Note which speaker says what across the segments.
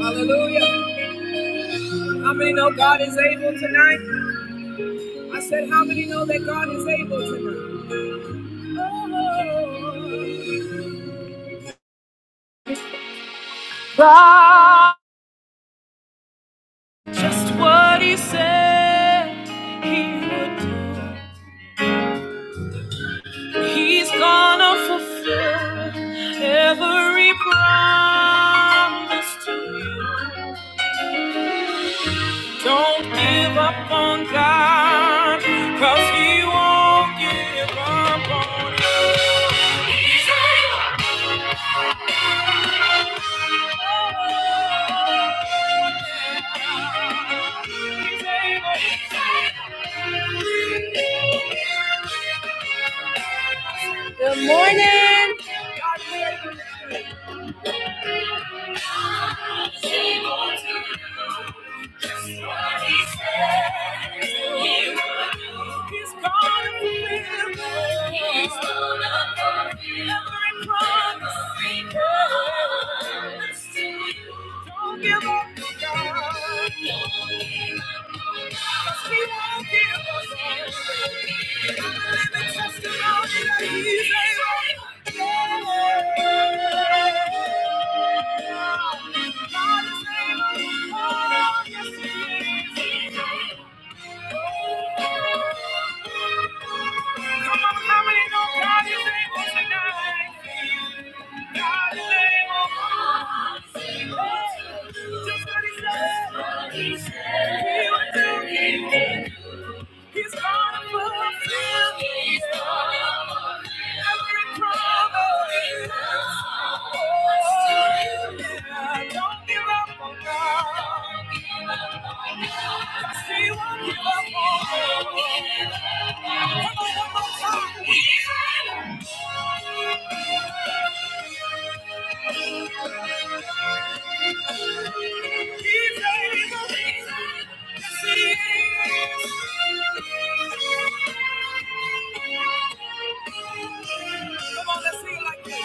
Speaker 1: Hallelujah. How many know God is able tonight? I said, How many know that God is able tonight? Oh, God, just what He said He would do. He's gonna fulfill every promise to you. Don't give up on God, cause He won't give up on you. Good morning. Don't give up, God. Don't give up, God. 'Cause He won't give us up. Come on, how many know God is able tonight? God is able. Just what he said. He will do it. He's gonna fulfill He's gonna every promise. Oh, yeah. Don't give up on God. Just say you won't give up on God. Come on, one more time. He's able. He's able. Come on, let's sing like this.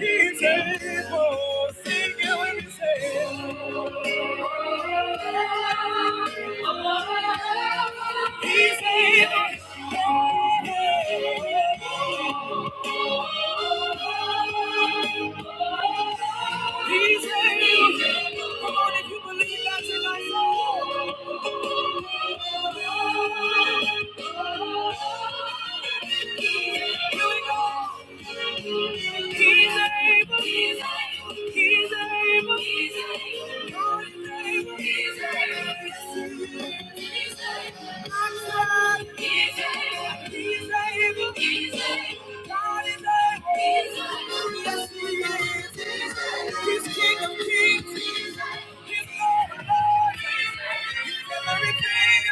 Speaker 1: He's able, sing it when you say it. He's able. He's able. Come on, if you believe that tonight. say, Here we go. He's able. He's able. He's able. He's able. God is able. He's able. He's able. I'm sorry. He's able. He's able. God is able. Yes, He He's King of Kings. He's Lord of Lords. He's everything.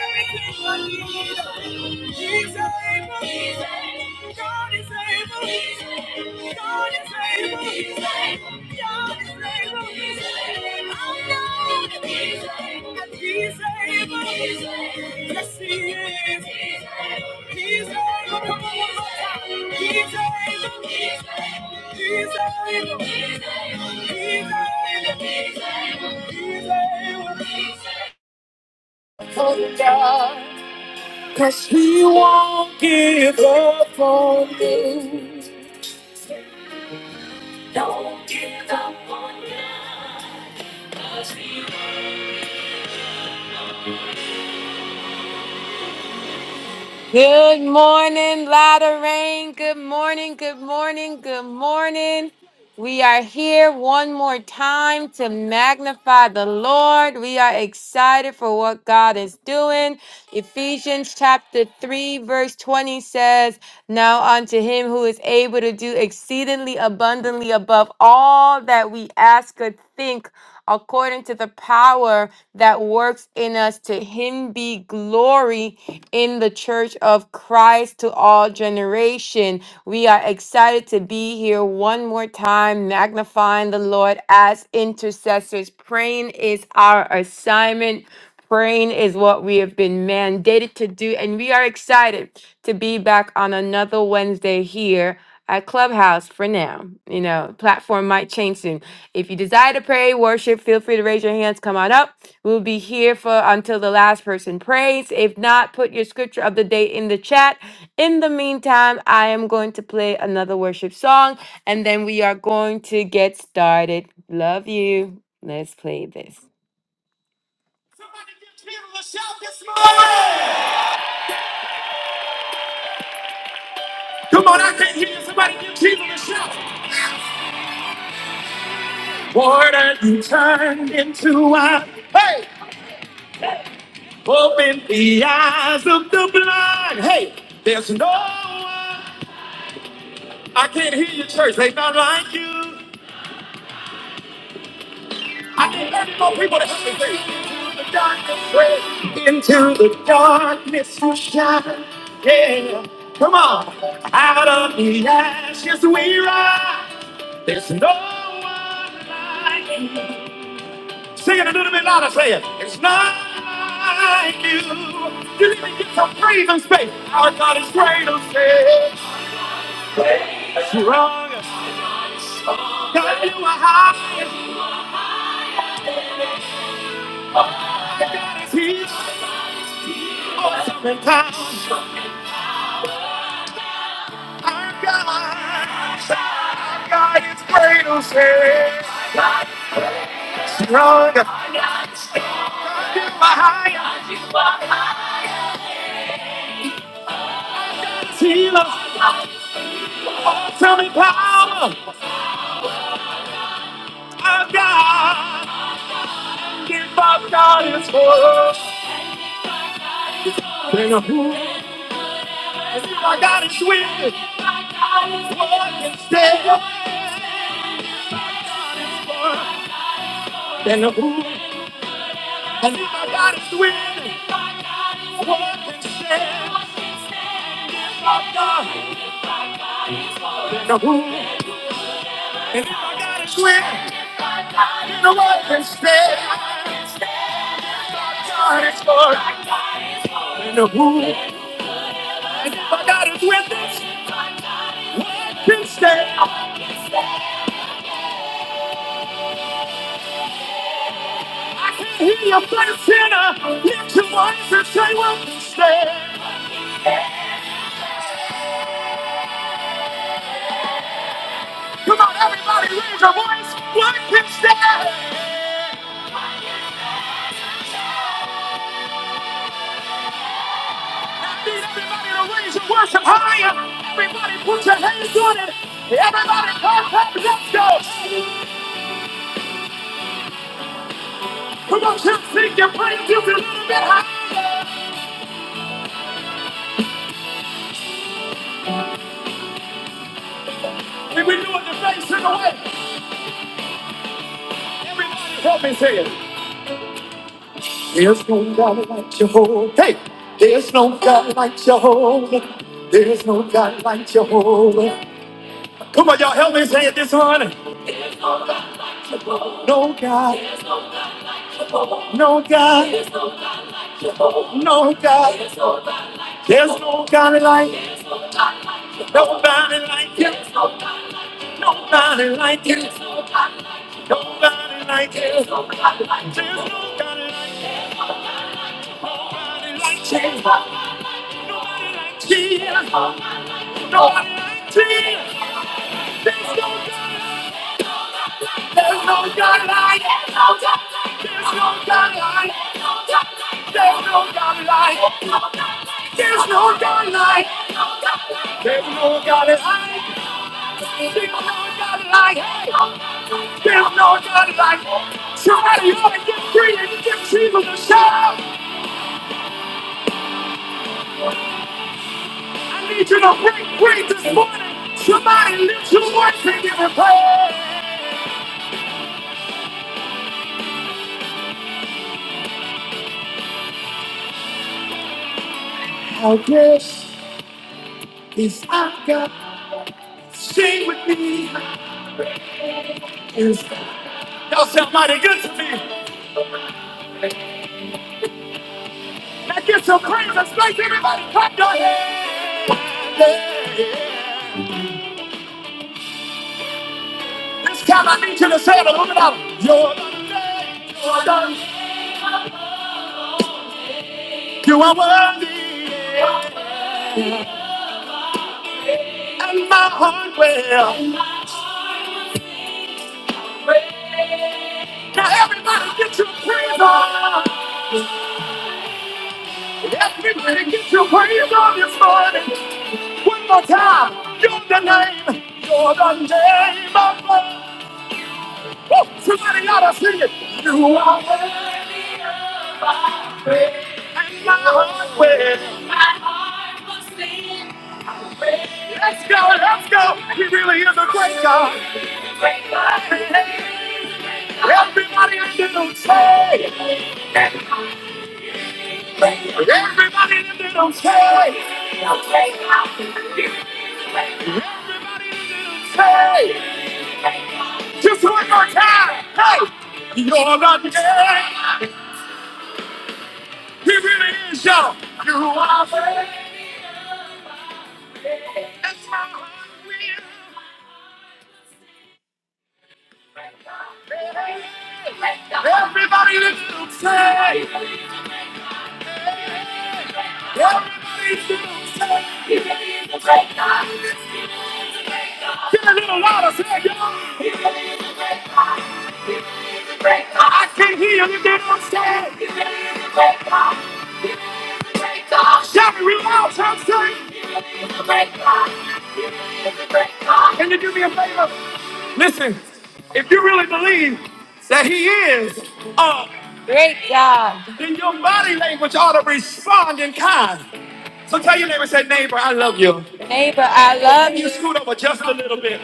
Speaker 1: Everything I need. He's able. God is able. God is able. He's able. He's able. He's able. He's able. Good morning, Ladder Rain. Good morning, good morning, good morning. We are here one more time to magnify the Lord. We are excited for what God is doing. Ephesians chapter 3, verse 20 says, Now unto him who is able to do exceedingly abundantly above all that we ask or think according to the power that works in us. To him be glory in the church of Christ to all generation. We are excited to be here one more time, magnifying the Lord as intercessors. Praying is our assignment. Praying is what we have been mandated to do, and we are excited to be back on another Wednesday here at Clubhouse for now. You know, platform might change soon. If you desire to pray, worship, feel free to raise your hands. Come on up. We'll be here for until the last person prays. If not, put your scripture of the day in the chat. In the meantime, I am going to play another worship song and then we are going to get started. Love you. Let's play this. Come on, I can hear somebody give Jesus a shout. Lord, you turned into a open the eyes of the blind. Hey, there's no one. I can't hear you, church. They not like you. I need not no people to help me sing. Into the darkness, break. Into the darkness you shine. Yeah. Come on. Out of the ashes we rise. There's no one like you. Sing it a little bit louder. Say it. It's not like you. You need to get some breathing space. Our God is great and faith. Strong. God, you are high. God is here. Sometimes our God, our God is greater, strong, still higher. He loves Tell me power of God. Give up God is for us. Then who? My God is with us. What instead of for? Then who? And if my God is with us, what instead of God? Then who? And if my God is with us. No one can stand. God is good. And who? And my God is with us. Can stand. I can hear you, but sinner. Lift your voice and say, "What can stand?" Come on, everybody, raise your voice. What can stand? I need everybody to raise your worship higher. Everybody, put your hands on it. Everybody, clap, clap, let's go. Come on, just sing your praise music a little bit higher. Can we do it the face in the way? Everybody, help me sing it. There's no God like Jehovah. Hey, there's no God like Jehovah. There's no God like Jehovah. Come on, y'all, help me say it this morning. No God, no God, no God. There's no God like, nobody like you, nobody like you, nobody like you. There's no God like, nobody like you, nobody like you, nobody like you. There's no God like There's no God like, there's no God like, there's no God like, there's no God like, there's no God like, there's no God like, there's no God like, there's no God like. Somebody ought to get free and give Jesus a shout. I need you to break free this morning. Somebody lift your voice and give him praise. How great is our God. Sing with me. Is God. Y'all sound mighty good to me. Now get some praise and space, everybody. Clap your hands. Yeah. This time I need you to say it a little bit louder. You're the name. you're the name. You are worthy, yeah. and my heart will. Now everybody get your praise on. Everybody get your praise on this morning. One more time. You're the name, you're the name of God. Woo! Somebody ought to sing it. You are worthy of my praise. And my heart will. My heart will sing praise. Let's go, let's go. He really is a great God. Great God. Everybody in the room say. Everybody in the room say. it. Say. Just one more time. Hey. You're a name. He really is, y'all. You are worthy. That's my heart. Everybody little say. Everybody little say. He really is a great God. Get a little louder, say y'all. He really is a great God. I can not hear you devil say, "He is great God. He is a great God." Shout it real loud, church, say, "He is great God. He is a great God." Can you do me a favor? Listen, if you really believe that He is a great God, then your body language ought to respond in kind. So tell your neighbor, say, neighbor, I love you. Neighbor, I love you. You scoot over just a little bit,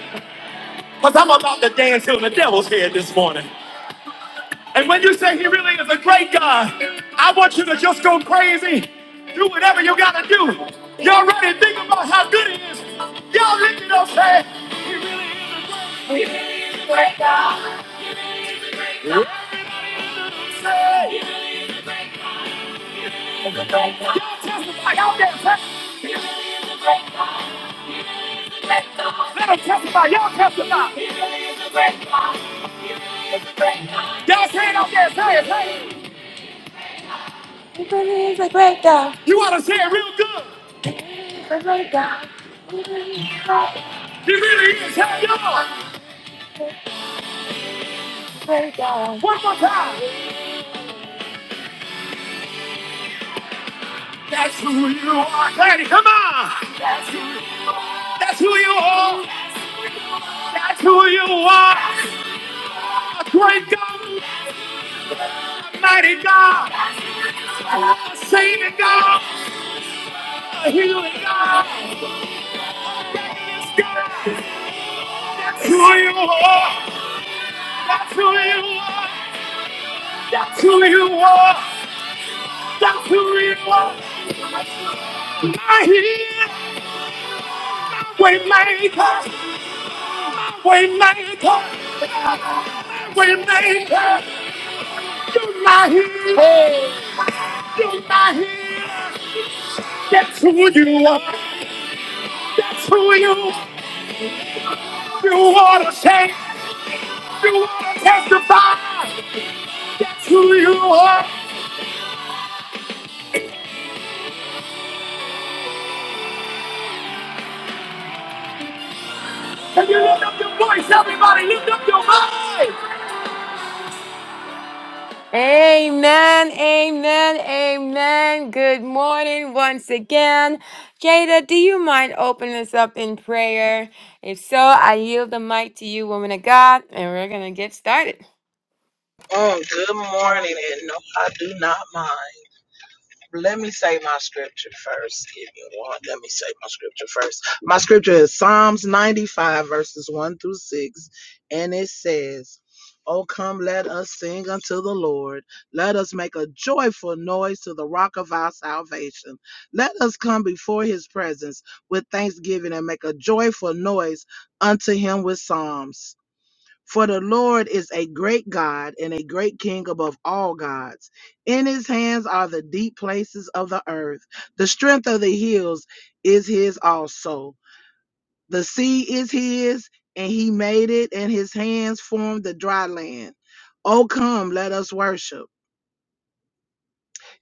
Speaker 1: because I'm about to dance on the devil's head this morning. And when you say he really is a great God, I want you to just go crazy. Do whatever you gotta do. Y'all ready? Think about how good he is. Y'all lift it up, say, he really is a great God. Say, he really is a great God. Y'all testify, y'all get He really is a great God. Let him testify, y'all testify. He really is a great God, Y'all say it out there, say it, say it. He really is a great God. You ought to say it real good. He really is. Hey, y'all. One more time. That's who you are. Daddy, come on. That's who you are. That's who you are. A great God, a mighty God, a saving God, a healing God. That's who you are. That's who you are. That's who you are. That's who you are. My healer, waymaker, waymaker, waymaker. You're my healer. That's who you are. That's who you you want to say. You want to testify. That's who you are. Can you lift up your voice, everybody? Lift up your voice. Amen, amen, amen. Good morning once again. Jada, do you mind opening us up in prayer? If so, I yield the mic to you, woman of God, and we're going to get started.
Speaker 2: Mm, good morning, and no, I do not mind. Let me say my scripture first. Give me one. Let me say my scripture first. My scripture is Psalms 95, verses 1 through 6, and it says, Oh, come, let us sing unto the Lord. Let us make a joyful noise to the rock of our salvation. Let us come before his presence with thanksgiving and make a joyful noise unto him with psalms. For the Lord is a great God and a great King above all gods. In his hands are the deep places of the earth. The strength of the hills is his also. The sea is his, and he made it, and his hands formed the dry land. Oh, come, let us worship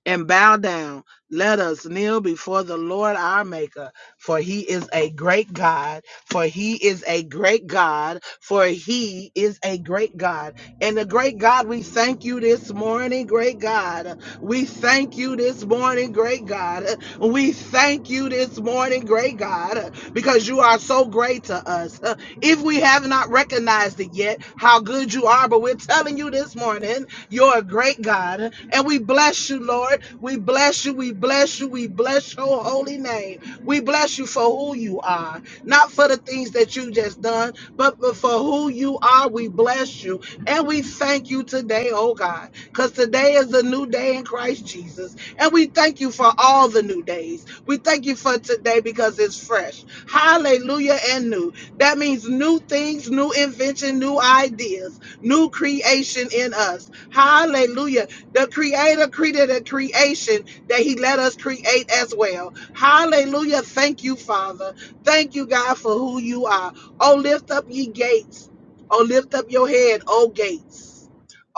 Speaker 2: and bow down. Let us kneel before the Lord our Maker, for he is a great God, for he is a great God, for he is a great God. And the great God, we thank you this morning, great God. We thank you this morning, great God. We thank you this morning, great God, because you are so great to us. If we have not recognized it yet, how good you are, but we're telling you this morning you're a great God. And we bless you, Lord. We bless you. We bless you. We bless your holy name. We bless you for who you are, not for the things that you just done, but but for who you are. We bless you. And we thank you today, oh God, because today is a new day in Christ Jesus. And we thank you for all the new days. We thank you for today because it's fresh. Hallelujah and new. That means new things, new invention, new ideas new creation in us. Hallelujah. The creator created a creation that he let us create as well. Hallelujah. Thank you, Father. Thank you, God, for who you are. Oh, lift up ye gates. Oh, lift up your head, O gates.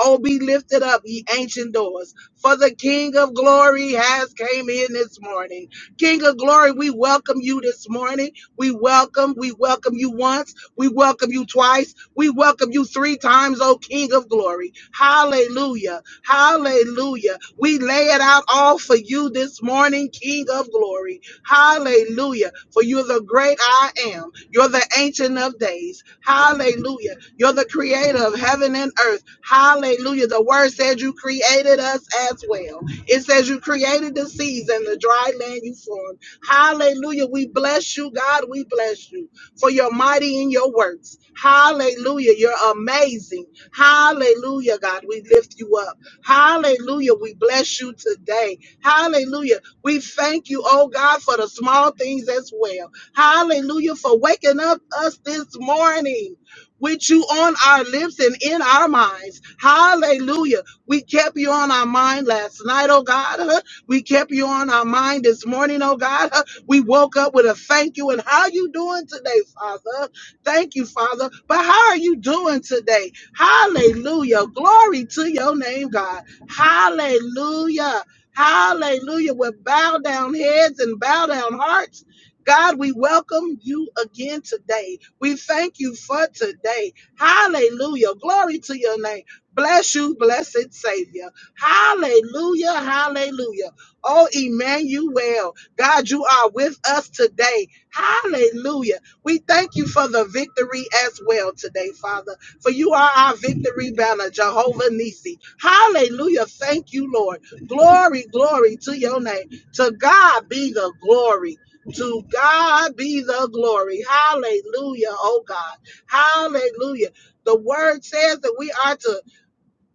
Speaker 2: Oh, be lifted up, ye ancient doors, for the King of glory has came in this morning. King of glory, we welcome you this morning. We welcome, we welcome you once. We welcome you twice. We welcome you three times, O King of glory. Hallelujah. Hallelujah. We lay it out all for you this morning, King of glory. Hallelujah. For you're the great I am. You're the ancient of days. Hallelujah. You're the creator of heaven and earth. Hallelujah. The word said you created us as well. It says you created the seas and the dry land you formed. Hallelujah. We bless you, God. We bless you for your mighty in your works. Hallelujah. You're amazing. Hallelujah, God. We lift you up. Hallelujah. We bless you today. Hallelujah. We thank you, oh God, for the small things as well. Hallelujah for waking up us this morning. With you on our lips and in our minds. Hallelujah. We kept you on our mind last night, oh God. We kept you on our mind this morning, oh God. We woke up with a thank you and how you doing today, Father? Thank you, Father. But how are you doing today? Hallelujah. Glory to your name, God. Hallelujah. Hallelujah. With bow down heads and bow down hearts. God, we welcome you again today. We thank you for today. Hallelujah. Glory to your name. Bless you, blessed Savior. Hallelujah. Hallelujah. Oh, Emmanuel. God, you are with us today. Hallelujah. We thank you for the victory as well today, Father, for you are our victory banner, Jehovah Nissi. Hallelujah. Thank you, Lord. Glory, glory to your name. To God be the glory. To God be the glory. Hallelujah, oh God. Hallelujah. The word says that we are to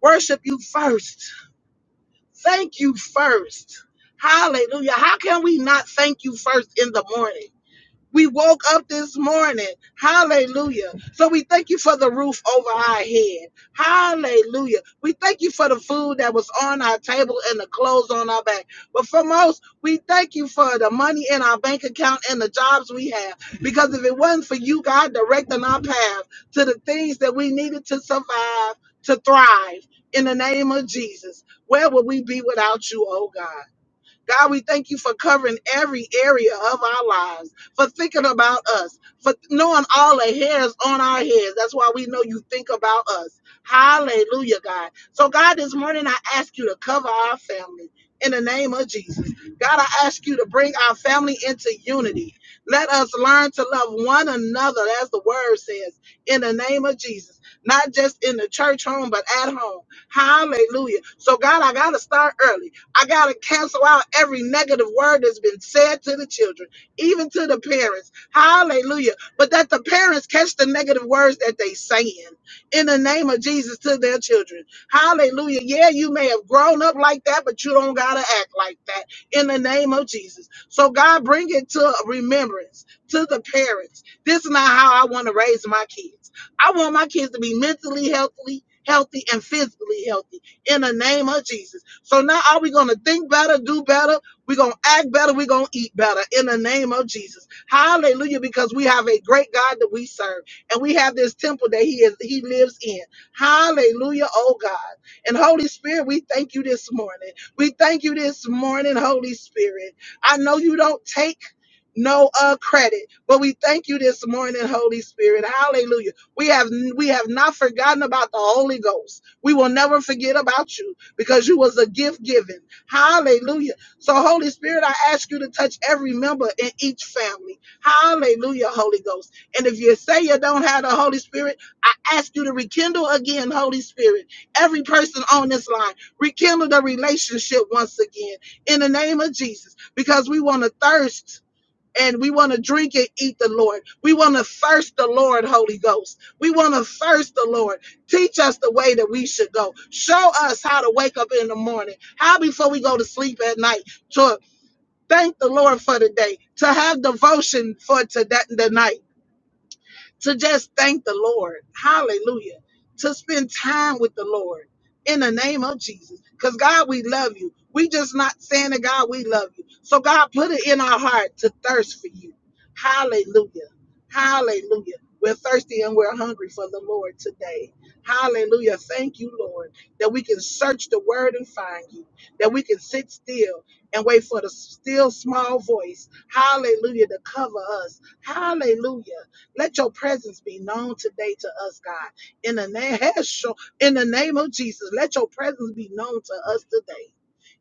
Speaker 2: worship you first. Thank you first. Hallelujah. How can we not thank you first in the morning? We woke up this morning. Hallelujah. So we thank you for the roof over our head. Hallelujah. We thank you for the food that was on our table and the clothes on our back. But for most, we thank you for the money in our bank account and the jobs we have. Because if it wasn't for you, God, directing our path to the things that we needed to survive, to thrive in the name of Jesus, where would we be without you, oh God? God, we thank you for covering every area of our lives, for thinking about us, for knowing all the hairs on our heads. That's why we know you think about us. Hallelujah, God. So, God, this morning I ask you to cover our family in the name of Jesus. God, I ask you to bring our family into unity. Let us learn to love one another, as the word says, in the name of Jesus, not just in the church home, but at home. Hallelujah. So, God, I got to start early. I got to cancel out every negative word that's been said to the children, even to the parents. Hallelujah. But that the parents catch the negative words that they saying in the name of Jesus to their children. Hallelujah. Yeah, you may have grown up like that, but you don't got to act like that in the name of Jesus. So God bring it to remembrance to the parents. This is not how I want to raise my kids. I want my kids to be mentally healthy, healthy and physically healthy in the name of Jesus. So now are we going to think better, do better? We're going to act better. We're going to eat better in the name of Jesus. Hallelujah. Because we have a great God that we serve and we have this temple that he is, he lives in. Hallelujah. Oh God. And Holy Spirit, we thank you this morning. We thank you this morning, Holy Spirit. I know you don't take no uh credit but we thank you this morning holy spirit hallelujah we have we have not forgotten about the holy ghost we will never forget about you because you was a gift given. Hallelujah. So Holy Spirit, I ask you to touch every member in each family. Hallelujah, Holy Ghost. And if you say you don't have the Holy Spirit, I ask you to rekindle again, Holy Spirit. Every person on this line, rekindle the relationship once again in the name of Jesus because we want to thirst and we want to drink and eat the Lord. We want to thirst the Lord, Holy Ghost. We want to thirst the Lord. Teach us the way that we should go. Show us how to wake up in the morning, how before we go to sleep at night to thank the Lord for the day, to have devotion for today, the night to just thank the Lord. Hallelujah. To spend time with the Lord in the name of Jesus. Because God, we love you. We just not saying to God, we love you. So God, put it in our heart to thirst for you. Hallelujah. Hallelujah. We're thirsty and we're hungry for the Lord today. Hallelujah. Thank you, Lord, that we can search the word and find you, that we can sit still and wait for the still small voice. Hallelujah to cover us. Hallelujah. Let your presence be known today to us, God. In the name, in the name of Jesus, let your presence be known to us today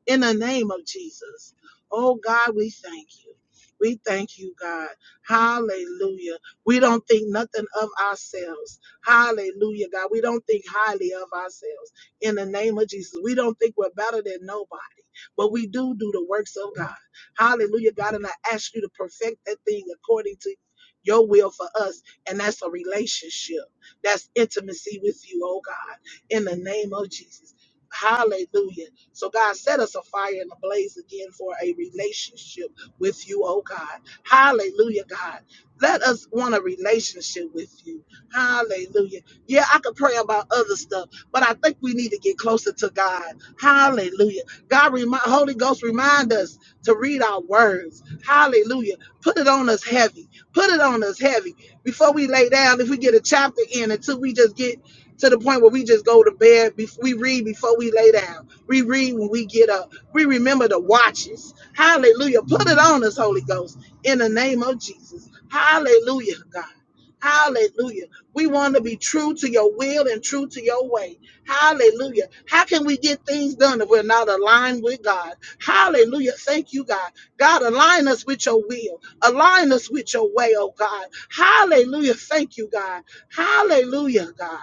Speaker 2: in the name of Jesus. Oh God, we thank you. We thank you, God. Hallelujah. We don't think nothing of ourselves. Hallelujah, God. We don't think highly of ourselves in the name of Jesus. We don't think we're better than nobody, but we do do the works of God. Hallelujah, God. And I ask you to perfect that thing according to your will for us. And that's a relationship. That's intimacy with you, oh God, in the name of Jesus. Hallelujah. So, God, set us afire and ablaze again for a relationship with you, oh God. Hallelujah, God. Let us want a relationship with you. Hallelujah. Yeah, I could pray about other stuff, but I think we need to get closer to God. Hallelujah. God, remind, Holy Ghost, remind us to read our words. Hallelujah. Put it on us heavy. Put it on us heavy. Before we lay down, if we get a chapter in until we just get to the point where we just go to bed. bef- We read before we lay down. We read when we get up. We remember the watches. Hallelujah. Put it on us, Holy Ghost, in the name of Jesus. Hallelujah, God. Hallelujah. We want to be true to your will and true to your way. Hallelujah. How can we get things done if we're not aligned with God? Hallelujah. Thank you, God. God, align us with your will. Align us with your way, oh God. Hallelujah. Thank you, God. Hallelujah, God.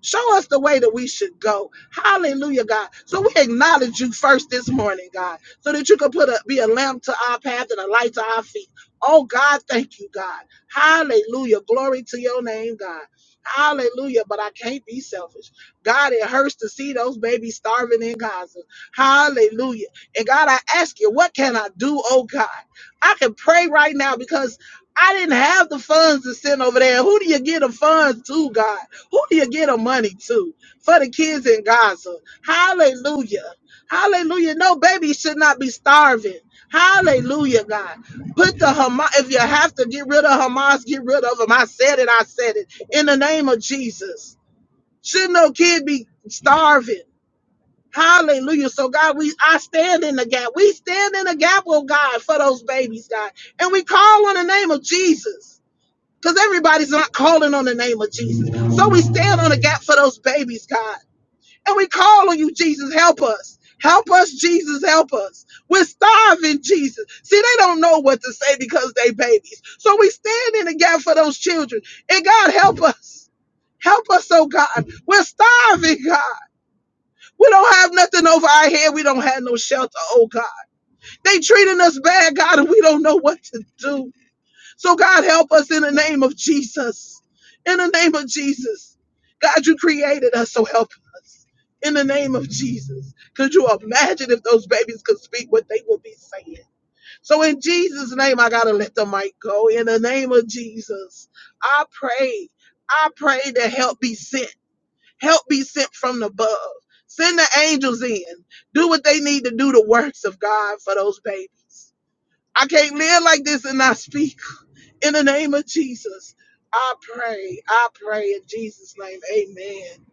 Speaker 2: Show us the way that we should go. Hallelujah, God. So we acknowledge you first this morning, God, so that you can put a be a lamp to our path and a light to our feet. Oh God, thank you, God. Hallelujah. Glory to your name, God. Hallelujah. But I can't be selfish. God, it hurts to see those babies starving in Gaza. Hallelujah. And God, I ask you, what can I do, oh God? I can pray right now because I didn't have the funds to send over there. Who do you get the funds to, God? Who do you get the money to for the kids in Gaza? Hallelujah. Hallelujah. No baby should not be starving. Hallelujah, God. Put the Hamas, if you have to get rid of Hamas, get rid of them. I said it, I said it. In the name of Jesus. Should no kid be starving? Hallelujah. So God, we I stand in the gap. We stand in the gap, oh God, for those babies, God. And we call on the name of Jesus because everybody's not calling on the name of Jesus. So we stand on the gap for those babies, God. And we call on you, Jesus. Help us. Help us, Jesus. Help us. We're starving, Jesus. See, they don't know what to say because they babies. So we stand in the gap for those children. And God, help us. Help us, oh God. We're starving, God. We don't have nothing over our head. We don't have no shelter, oh God. They treating us bad, God, and we don't know what to do. So, God, help us in the name of Jesus. In the name of Jesus. God, you created us, so help us. In the name of Jesus. Could you imagine if those babies could speak what they would be saying? So, in Jesus' name, I got to let the mic go. In the name of Jesus, I pray. I pray that help be sent. Help be sent from above. Send the angels in. Do what they need to do the works of God for those babies. I can't live like this and not speak. In the name of Jesus, I pray. I pray in Jesus' name. Amen.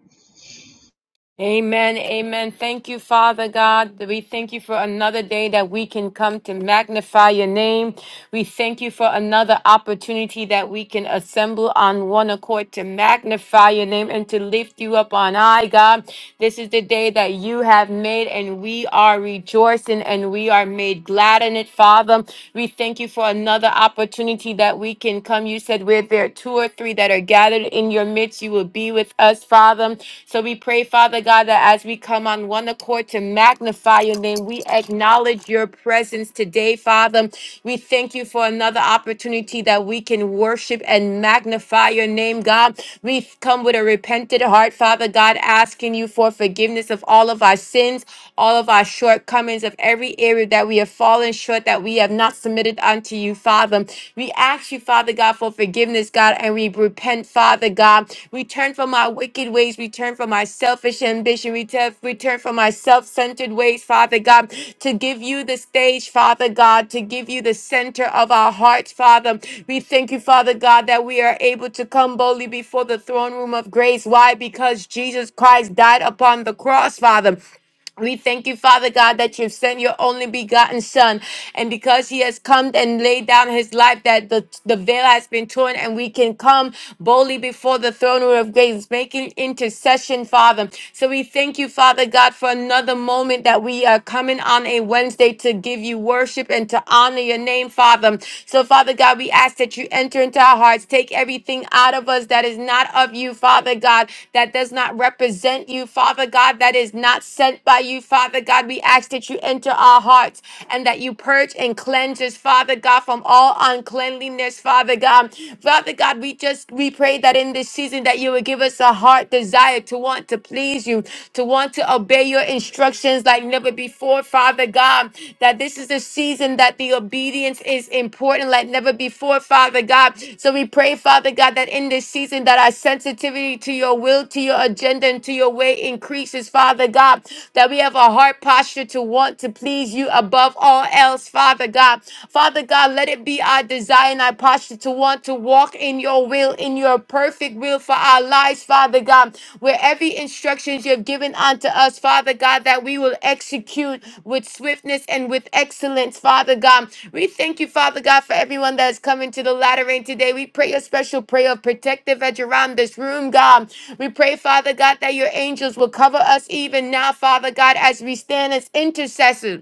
Speaker 1: Amen. Amen. Thank you, Father God. We thank you for another day that we can come to magnify your name. We thank you for another opportunity that we can assemble on one accord to magnify your name and to lift you up on high, God. This is the day that you have made, and we are rejoicing and we are made glad in it, Father. We thank you for another opportunity that we can come. You said, Where there are two or or three that are gathered in your midst, you will be with us, Father. So we pray, Father God, that as we come on one accord to magnify your name, we acknowledge your presence today, Father. We thank you for another opportunity that we can worship and magnify your name, God. We come with a repentant heart, Father God, asking you for forgiveness of all of our sins, all of our shortcomings, of every area that we have fallen short, that we have have not submitted unto you, Father. We ask you, Father God, for forgiveness, God, and we repent, Father God. We turn from our wicked ways. We turn from our selfish ambition. We turn we turn from our self centered ways, Father God, to give you the stage, Father God, to give you the center of our hearts, Father. We thank you, Father God, that we are able to come boldly before the throne room of grace. Why? Because Jesus Christ died upon the cross, Father. We thank you, Father God, that you've sent your only begotten Son. And because he has come and laid down his life, that the, the veil has been torn and we can come boldly before the throne room of grace, making intercession, Father. So we thank you, Father God, for another moment that we are coming on a Wednesday to give you worship and to honor your name, Father. So, Father God, we ask that you enter into our hearts lives. Take everything out of us that is not of you, Father God, that does not represent you, Father God, that is not sent by you, Father God. We ask that you enter our hearts and that you purge and cleanse us, Father God, from all uncleanliness, Father God. Father God, we just we pray that in this season that you would give us a heart desire to want to please you, to want to obey your instructions like never before before, Father God, that this is a season that the obedience is important like never before, Father God. So we pray, Father God, that in this season that our sensitivity to your will, to your agenda, and to your way increases, Father God, that we have a heart posture to want to please you above all else, Father God. Father God, let it be our desire and our posture to want to walk in your will, in in your perfect will for our lives, Father God, where every instructions you have given unto us, Father God, that we will execute with swiftness and with excellence, Father God. We thank you, Father God, for everyone that is coming to the latter rain today. We pray a special prayer of protective edge around this room, God. We pray, Father God, that your angels will cover us even now, Father God, as we stand as intercessors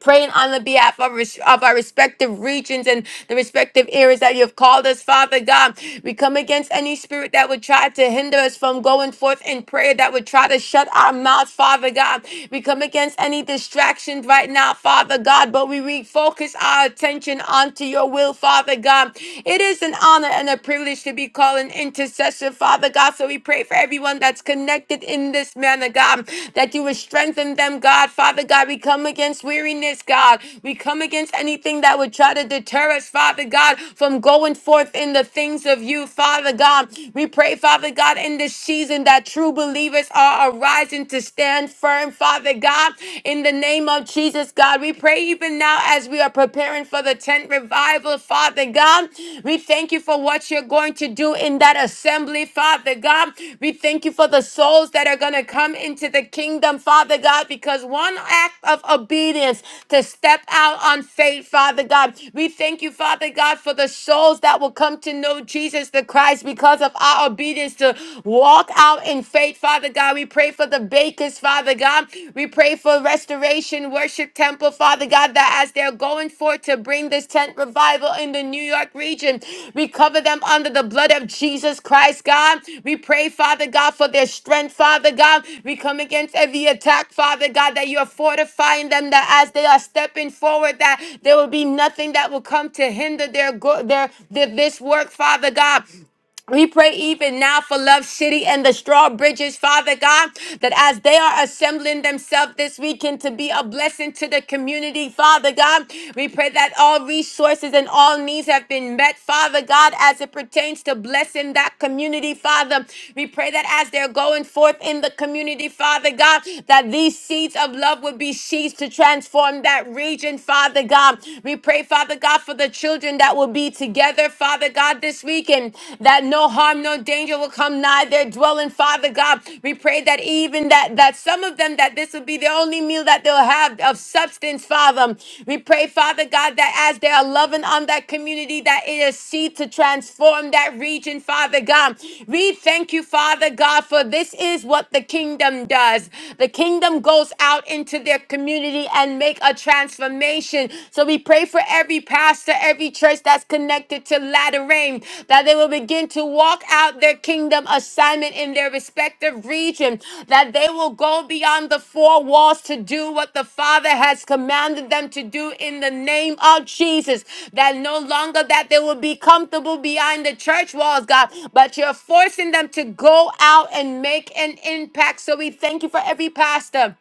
Speaker 1: praying on the behalf of, res- of our respective regions and the respective areas that you have called us, Father God. We come against any spirit that would try to hinder us from going forth in prayer, that would try to shut our mouths, Father God. We come against any distractions right now, Father God, but we refocus our attention onto your will, Father God. It is an honor and a privilege to be called an intercessor, Father God. So we pray for everyone everyone that's connected in this manner, God, that you would strengthen them, God. Father God, we come against weariness, God. We come against anything that would try to deter us, Father God, from going forth in the things of you, Father God. We pray, Father God, in this season that true believers are arising to stand firm, Father God, in the name of Jesus, God. We pray even now as we are preparing for the tent revival revival, Father God. We thank you for what you're going to do in that assembly, Father God. We thank you for the souls that are going to come into the kingdom, Father God, because one act of obedience to step out on faith, Father God. We thank you, Father God, for the souls that will come to know Jesus the Christ because of our obedience to walk out in faith, Father God. We pray for the bakers, Father God. God. We pray for restoration, worship temple, Father God, that as they're going forth to bring this tent revival in the New York region, we cover them under the blood of Jesus Christ, God. We pray, Father God, for their strength, Father God. We come against every attack, Father God, that you are fortifying them, that as they are stepping forward, that there will be nothing that will come to hinder their, go- their, their this work, Father God. We pray even now for Love City and the Straw Bridges, Father God, that as they are assembling themselves this weekend to be a blessing to the community, Father God, we pray that all resources and all needs have been met, Father God, as it pertains to blessing that community, Father. We pray that as they're going forth in the community, Father God, that these seeds of love would be seeds to transform that region, Father God. We pray, Father God, for the children that that will be together, Father God, this weekend, that no harm, no danger will come nigh their dwelling, Father God. We pray that even that that some of them that this will be the only meal that they'll have of substance, Father. We pray, Father God, that as they are loving on that community, that it is seed to transform that region, Father God. We thank you, Father God, for this is what the kingdom does. The kingdom goes out into their community and make a transformation confirmation. So we pray for every pastor, every church that's connected to Latter Rain, that they will begin to walk out their kingdom assignment in their respective region, that they will go beyond the four walls to do what the Father has commanded them to do in the name of Jesus. That no longer that they will be comfortable behind the church walls, God, but you're forcing them to go out and make an impact. So we thank you for every pastor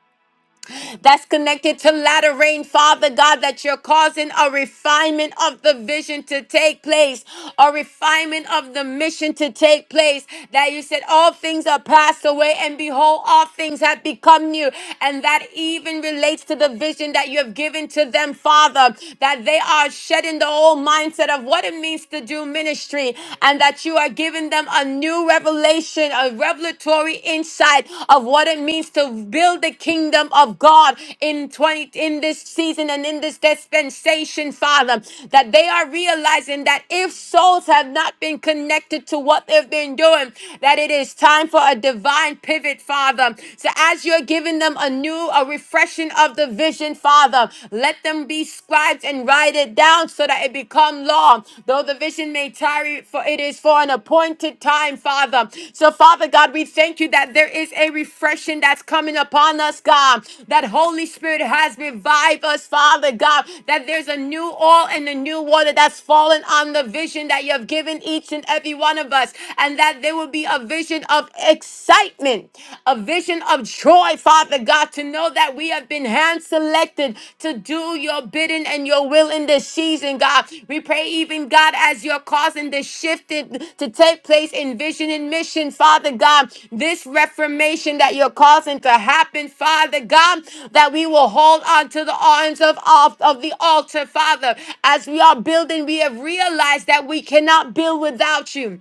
Speaker 1: that's connected to latter rain, Father God, that you're causing a refinement of the vision to take place, a refinement of the mission to take place. That you said, All things are passed away, and behold, all things have become new. And that even relates to the vision that you have given to them, Father, that they are shedding the old mindset of what it means to do ministry, and that you are giving them a new revelation revelation, a revelatory insight of what it means to build the kingdom of God in 20 in this season and in this dispensation, Father, that they are realizing that if souls have not been connected to what they've been doing, that it is time for a divine pivot, Father. So as you're giving them a new, a refreshing of the vision, Father, let them be scribes and write it down down so that it become law. Though the vision may tarry, for it is for an appointed time, Father. So, Father God, we thank you that there is a refreshing that's coming upon us, God. That Holy Spirit has revived us, Father God. That there's a new oil and a new water that's fallen on the vision that you have given each and every one of us. And that there will be a vision of excitement, a vision of joy, Father. Father God, to know that we have been hand selected to do your bidding and your will in this season, God. We pray, even God, as you're causing this shift to take place in vision and mission, Father God, this reformation that you're causing to happen, Father God, that we will hold on to the arms of, of, of the altar, Father. As we are building, we have realized that we cannot build without you.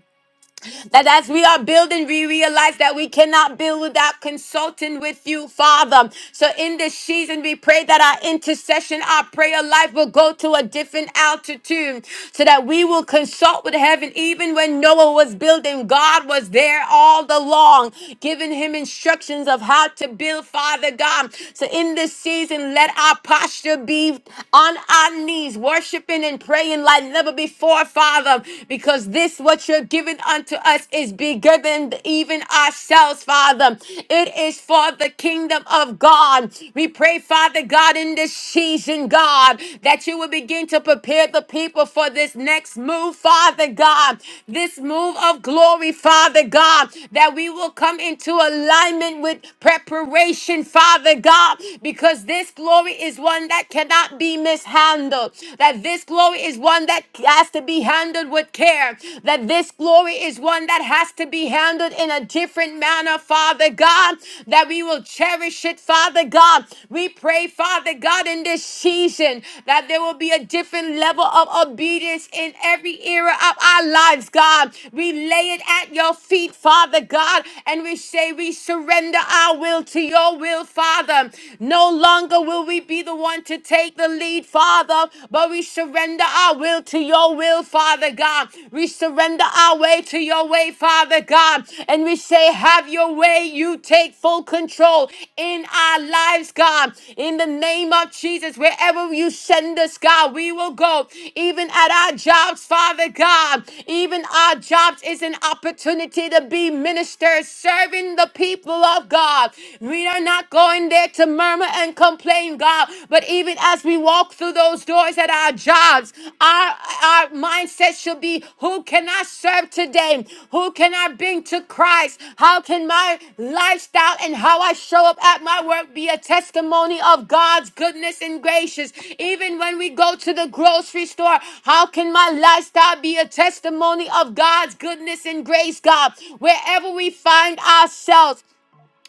Speaker 1: That as we are building, we realize that we cannot build without consulting with you, Father. So in this season, we pray that our intercession, our prayer life will go to a different altitude so that we will consult with heaven. Even when Noah was building, God was there all along, giving him instructions of how to build, Father God. So in this season, let our posture be on our knees, worshiping and praying like never before, Father kingdom because this what you're giving unto us is bigger than even ourselves, Father. It is for the kingdom of God. We pray, Father God, in this season, God, that you will begin to prepare the people for this next move, Father God, this move of glory, Father God, that we will come into alignment with preparation, Father God, because this glory is one that cannot be mishandled. That this this glory is one that has to be handled with care, that this glory is one that has to be handled in a different manner, Father God, that we will cherish it, Father God. We pray, Father God, in this season that there will be a different level of obedience in every era of our lives, God. We lay it at your feet, Father God, and we say we surrender our will to your will, Father. No longer will we be the one want to take the lead, Father, but we surrender our will to your will, Father God. We surrender our way to your way, Father God. And we say, Have your way. You take full control in our lives, God. In the name of Jesus, wherever you send us, God, we will go. Even at our jobs, Father God. Even our jobs is an opportunity to be ministers, serving the people of God. We are not going there there to murmur and complain, God. But even as we walk through those doors at our jobs, our, our mindset should be who can I serve today? Who can I bring to Christ? How can my lifestyle and how I show up at my work be a testimony of God's goodness and gracious? Even when we go to the grocery store, how can my lifestyle be a testimony of God's goodness and grace, God? Wherever we find ourselves,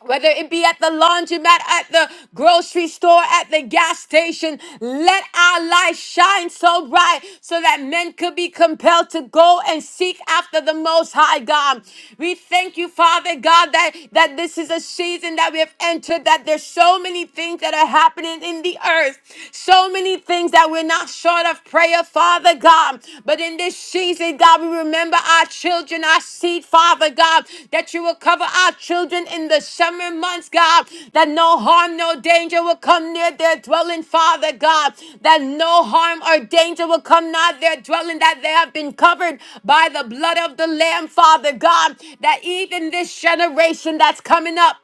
Speaker 1: whether it be at the laundromat, at the grocery store, at the gas station, let our light shine so bright so that men could be compelled to go and seek after the Most High God. We thank you, Father God, that, that this is a season that we have entered, that there's so many things that are happening in the earth, so many things that we're not short of prayer, Father. Father God. But in this season, God, we remember our children, our seed, Father God, that you will cover our children in the summer months, God, that no harm, no danger will come near their dwelling, Father God, that no harm or danger will come nigh their dwelling, that they have been covered by the blood of the Lamb, Father God, that even this generation that's coming up,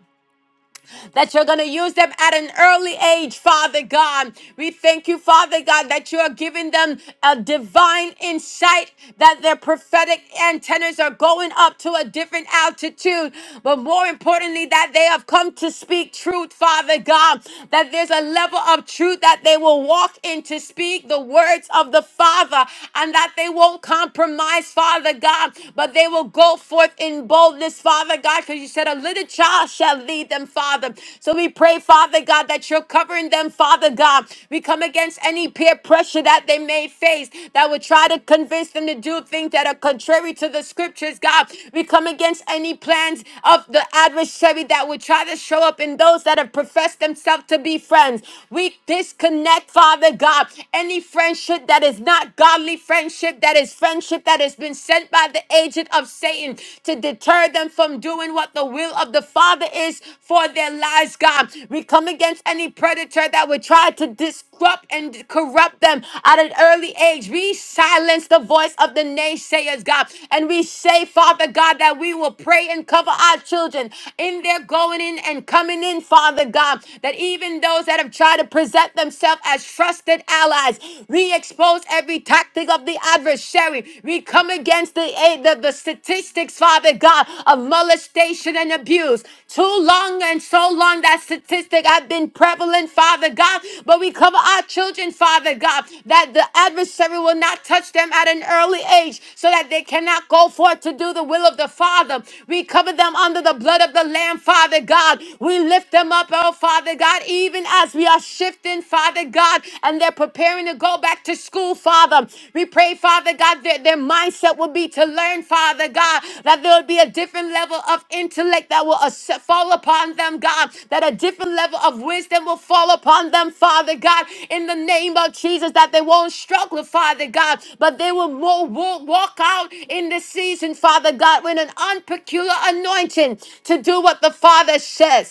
Speaker 1: that you're going to use them at an early age, Father God. We thank you, Father God, that you are giving them a divine insight that their prophetic antennas are going up to a different altitude. But more importantly, that they have come to speak truth, Father God, that there's a level of truth that they will walk in to speak the words of the Father and that they won't compromise, Father God, but they will go forth in boldness, Father. Father God, because you said a little child shall lead them, Father. So we pray, Father God, that you're covering them, Father God. We come against any peer pressure that they may face that would try to convince them to do things that are contrary to the scriptures, God. We come against any plans of the adversary that would try to show up in those that have professed themselves to be friends. We disconnect, Father God, any friendship that is not godly friendship, that is friendship that has been sent by the agent of Satan to deter them from doing what the will of the Father is for their lives, God. We come against any predator that would try to disrupt and corrupt them at an early age. We silence the voice of the naysayers, God. And we say, Father God, that we will pray and cover our children in their going in and coming in, Father God. That even those that have tried to present themselves as trusted allies, we expose expose every tactic of the adversary. We come against the, eh, the, the statistics, Father God, of molestation and abuse. Too long and so long that statistic have been prevalent, Father God, but we cover our children, Father God, that the adversary will not touch them at an early age so that they cannot go forth to do the will of the Father. We cover them under the blood of the Lamb, Father God. We lift them up, oh Father God, even as we are shifted shifting, Father God, and they're preparing to go back to school, Father. We pray, Father God, that their mindset will be to learn, Father God, that there will be a different level of intellect that will as- fall upon them, God, that a different level of wisdom will fall upon them, Father God, in the name of Jesus, that they won't struggle, Father God, but they will more walk walk out in this season, Father God, with an unpeculiar anointing to do what the Father says.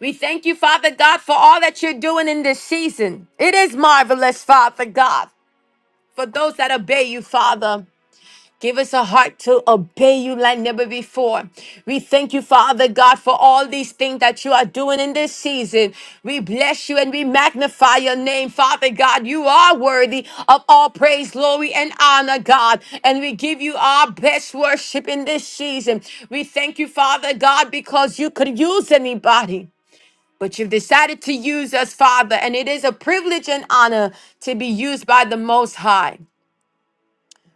Speaker 1: We thank you, Father God, for all that you're doing in this season. It is marvelous, Father God. For those that obey you, Father, give us a heart to obey you like never before. We thank you, Father God, for all these things that you are doing in this season. We bless you and we magnify your name, Father God. You are worthy of all praise, glory, and honor, God. And we give you our best worship in this season. We thank you, Father God, because you could use anybody. But you've decided to use us, Father, and it is a privilege and honor to be used by the Most High.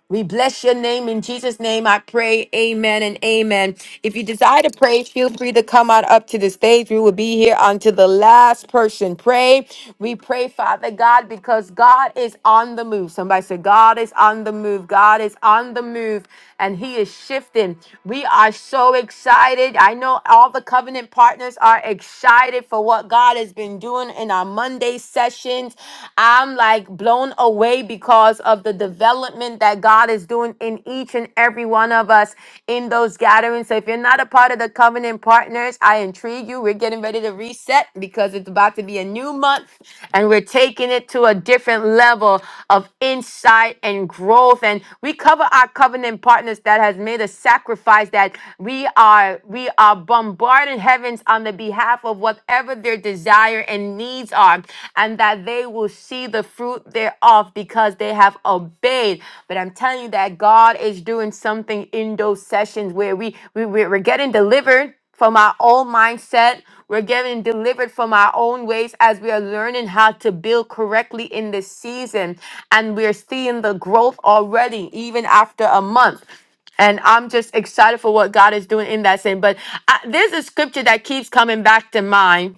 Speaker 1: We bless your name. In Jesus' name, I pray. Amen and amen. If you desire to pray, feel free to come on up to the stage. We will be here until the last person. Pray. We pray, Father God, because God is on the move. Somebody said, God is on the move. God is on the move and He is shifting. We are so excited. I know all the covenant partners are excited for what God has been doing in our Monday sessions. I'm like blown away because of the development that God is doing in each and every one of us in those gatherings. So if you're not a part of the covenant partners, I intrigue you. We're getting ready to reset because it's about to be a new month and we're taking it to a different level of insight and growth. And we cover our covenant partners darkness that has made a sacrifice that we are we are bombarding heavens on the behalf of whatever their desire and needs are and that they will see the fruit thereof because they have obeyed but i'm telling you that god is doing something in those sessions where we, we we- we're getting delivered from our own mindset. We're getting delivered from our own ways as we are learning how to build correctly in this season. And we're seeing the growth already, even after a month and I'm just excited for what God is doing in that sin. But I, there's a scripture that keeps coming back to mind.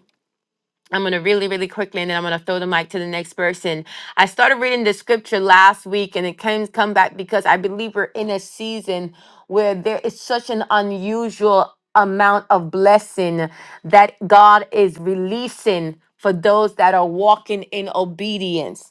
Speaker 1: I'm going to really, really quickly, and then I'm going to throw the mic to the next person. I started reading the scripture last week, and it came come back because I believe we're in a season where there is such an unusual amount of blessing that God is releasing for those that are walking in obedience.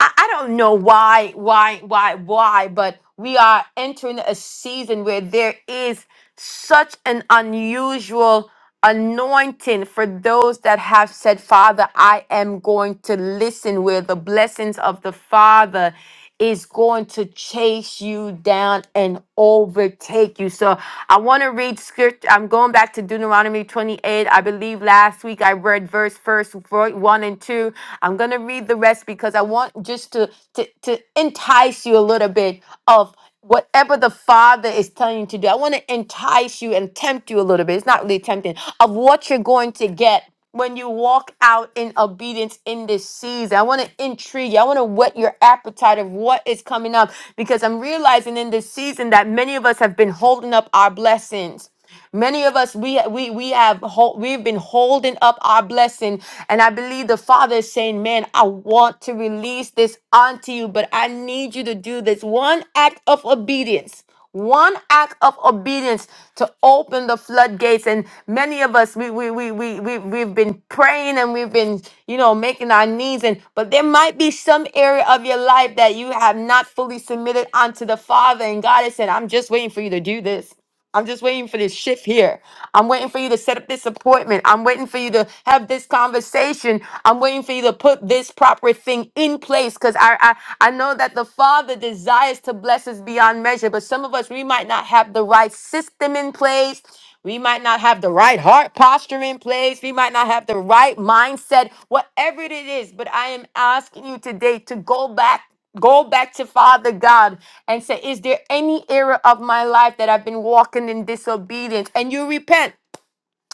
Speaker 1: I, I don't know why, why, why, why, but we are entering a season where there is such an unusual anointing for those that have said, Father, I am going to listen, where the blessings of the Father is going to chase you down and overtake you. So I want to read script. I'm going back to Deuteronomy 28. I believe last week I read verse first, ver- one and two. I'm going to read the rest because I want just to, to, to entice you a little bit of whatever the Father is telling you to do. I want to entice you and tempt you a little bit. It's not really tempting of what you're going to get when you walk out in obedience in this season. I want to intrigue you. I want to whet your appetite of what is coming up because I'm realizing in this season that many of us have been holding up our blessings. Many of us we we we have hol- we've been holding up our blessing, and I believe the Father is saying, "Man, I want to release this onto you, but I need you to do this one act of obedience." One act of obedience to open the floodgates, and many of us we we we we, we we've been praying and we've been you know making our needs, and but there might be some area of your life that you have not fully submitted unto the Father, and God has said, "I'm just waiting for you to do this." I'm just waiting for this shift here. I'm waiting for you to set up this appointment. I'm waiting for you to have this conversation. I'm waiting for you to put this proper thing in place because I, I I know that the Father desires to bless us beyond measure, but some of us we might not have the right system in place. We might not have the right heart posture in place. We might not have the right mindset, whatever it is. But I am asking you today to go back Go back to Father God and say, Is there any area of my life that I've been walking in disobedience? And you repent.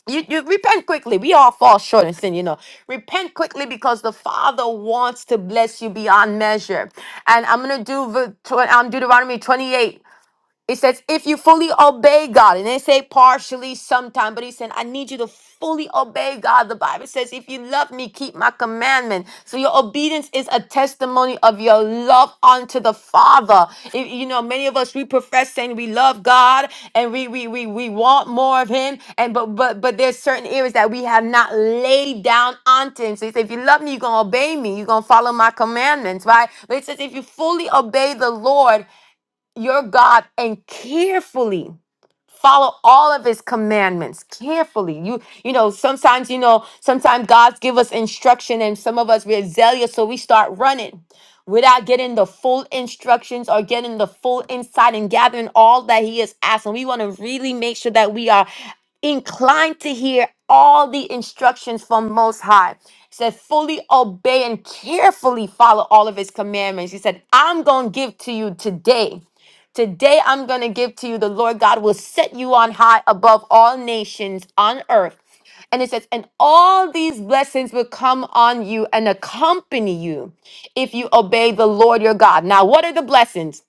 Speaker 1: You, you repent quickly. We all fall short and sin, you know. Repent quickly because the Father wants to bless you beyond measure. And I'm gonna do the tw- um, Deuteronomy 28. It says, if you fully obey God, and they say partially sometime, but he said, I need you to fully obey God. The Bible says, if you love me, keep my commandment. So your obedience is a testimony of your love unto the Father. If- you know, many of us we profess saying we love God and we we we we want more of him. And but but but there's certain areas that we have not laid down unto him. So he said, if you love me, you're gonna obey me, you're gonna follow my commandments, right? But it says, if you fully obey the Lord, your God and carefully follow all of his commandments carefully you you know sometimes you know sometimes god's give us instruction and some of us we're zealous so we start running without getting the full instructions or getting the full insight and gathering all that he is asking we want to really make sure that we are inclined to hear all the instructions from Most High. He said, fully obey and carefully follow all of his commandments. He said, I'm going to give to you today. Today I'm going to give to you the Lord God will set you on high above all nations on earth. And it says, and all these blessings will come on you and accompany you if you obey the Lord your God. Now, what are the blessings?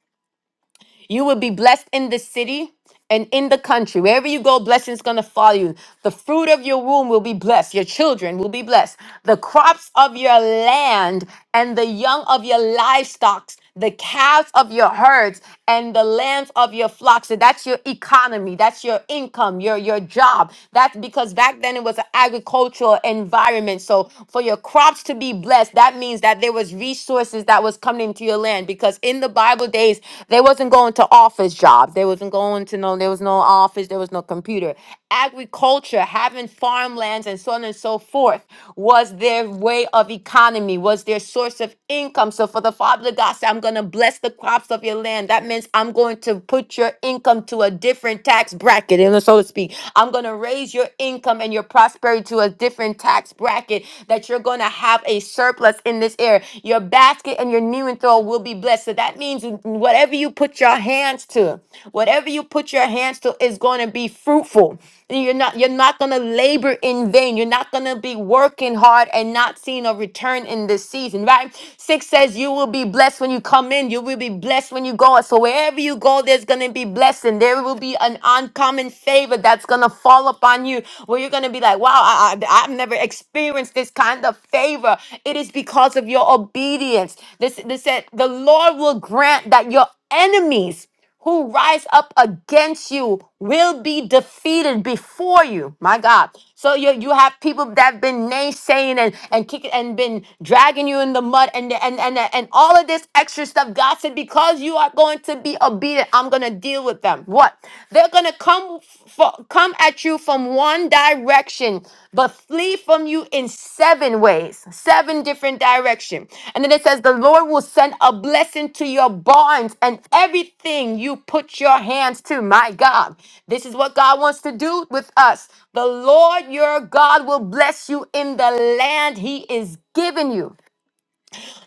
Speaker 1: You will be blessed in the city and in the country. Wherever you go, blessings going to follow you. The fruit of your womb will be blessed. Your children will be blessed. The crops of your land and the young of your livestock, the calves of your herds and the lambs of your flocks. So that's your economy. That's your income, your, your job. That's because back then it was an agricultural environment. So for your crops to be blessed, that means that there was resources resources that was coming into your land because in the Bible days they wasn't going to office jobs. They wasn't going to no there was no office, there was no computer. Agriculture, having farmlands and so on and so forth was their way of economy, was their source of income. So for the Father God said, I'm gonna bless the crops of your land. That means I'm going to put your income to a different tax bracket, and so to speak. I'm gonna raise your income and your prosperity to a different different tax bracket that you're going to have a surplus in this area. Your basket and your new and throw will be blessed. So that means whatever you put your hands to, whatever you put your hands to is going to be fruitful. And You're not you're not going to labor in vain. You're not going to be working hard and not seeing a return in this season, right? 6 says you will be blessed when you come in, you will be blessed when you go out. So wherever you go there's going to be blessing. There will be an uncommon uncommon favor that's going to fall upon you where you're going to be like, wow, I, I, I've never experienced this kind of favor. It is because of your obedience. This, this said, the Lord will grant that your enemies who rise up against you will be defeated before you. My God. So you, you have people that have been naysaying and, and kicking and been dragging you in the mud and, and, and, and all of this extra stuff. God said, because you you are going to be obedient, I'm going to deal with them. What? They're going to come for, come at you from one direction, but flee from you in seven ways, seven different direction. And then it says the Lord will send a blessing to your barns and everything you put your hands to. My God, this is what God wants to do with us. The Lord your God will bless you in the land he is giving you.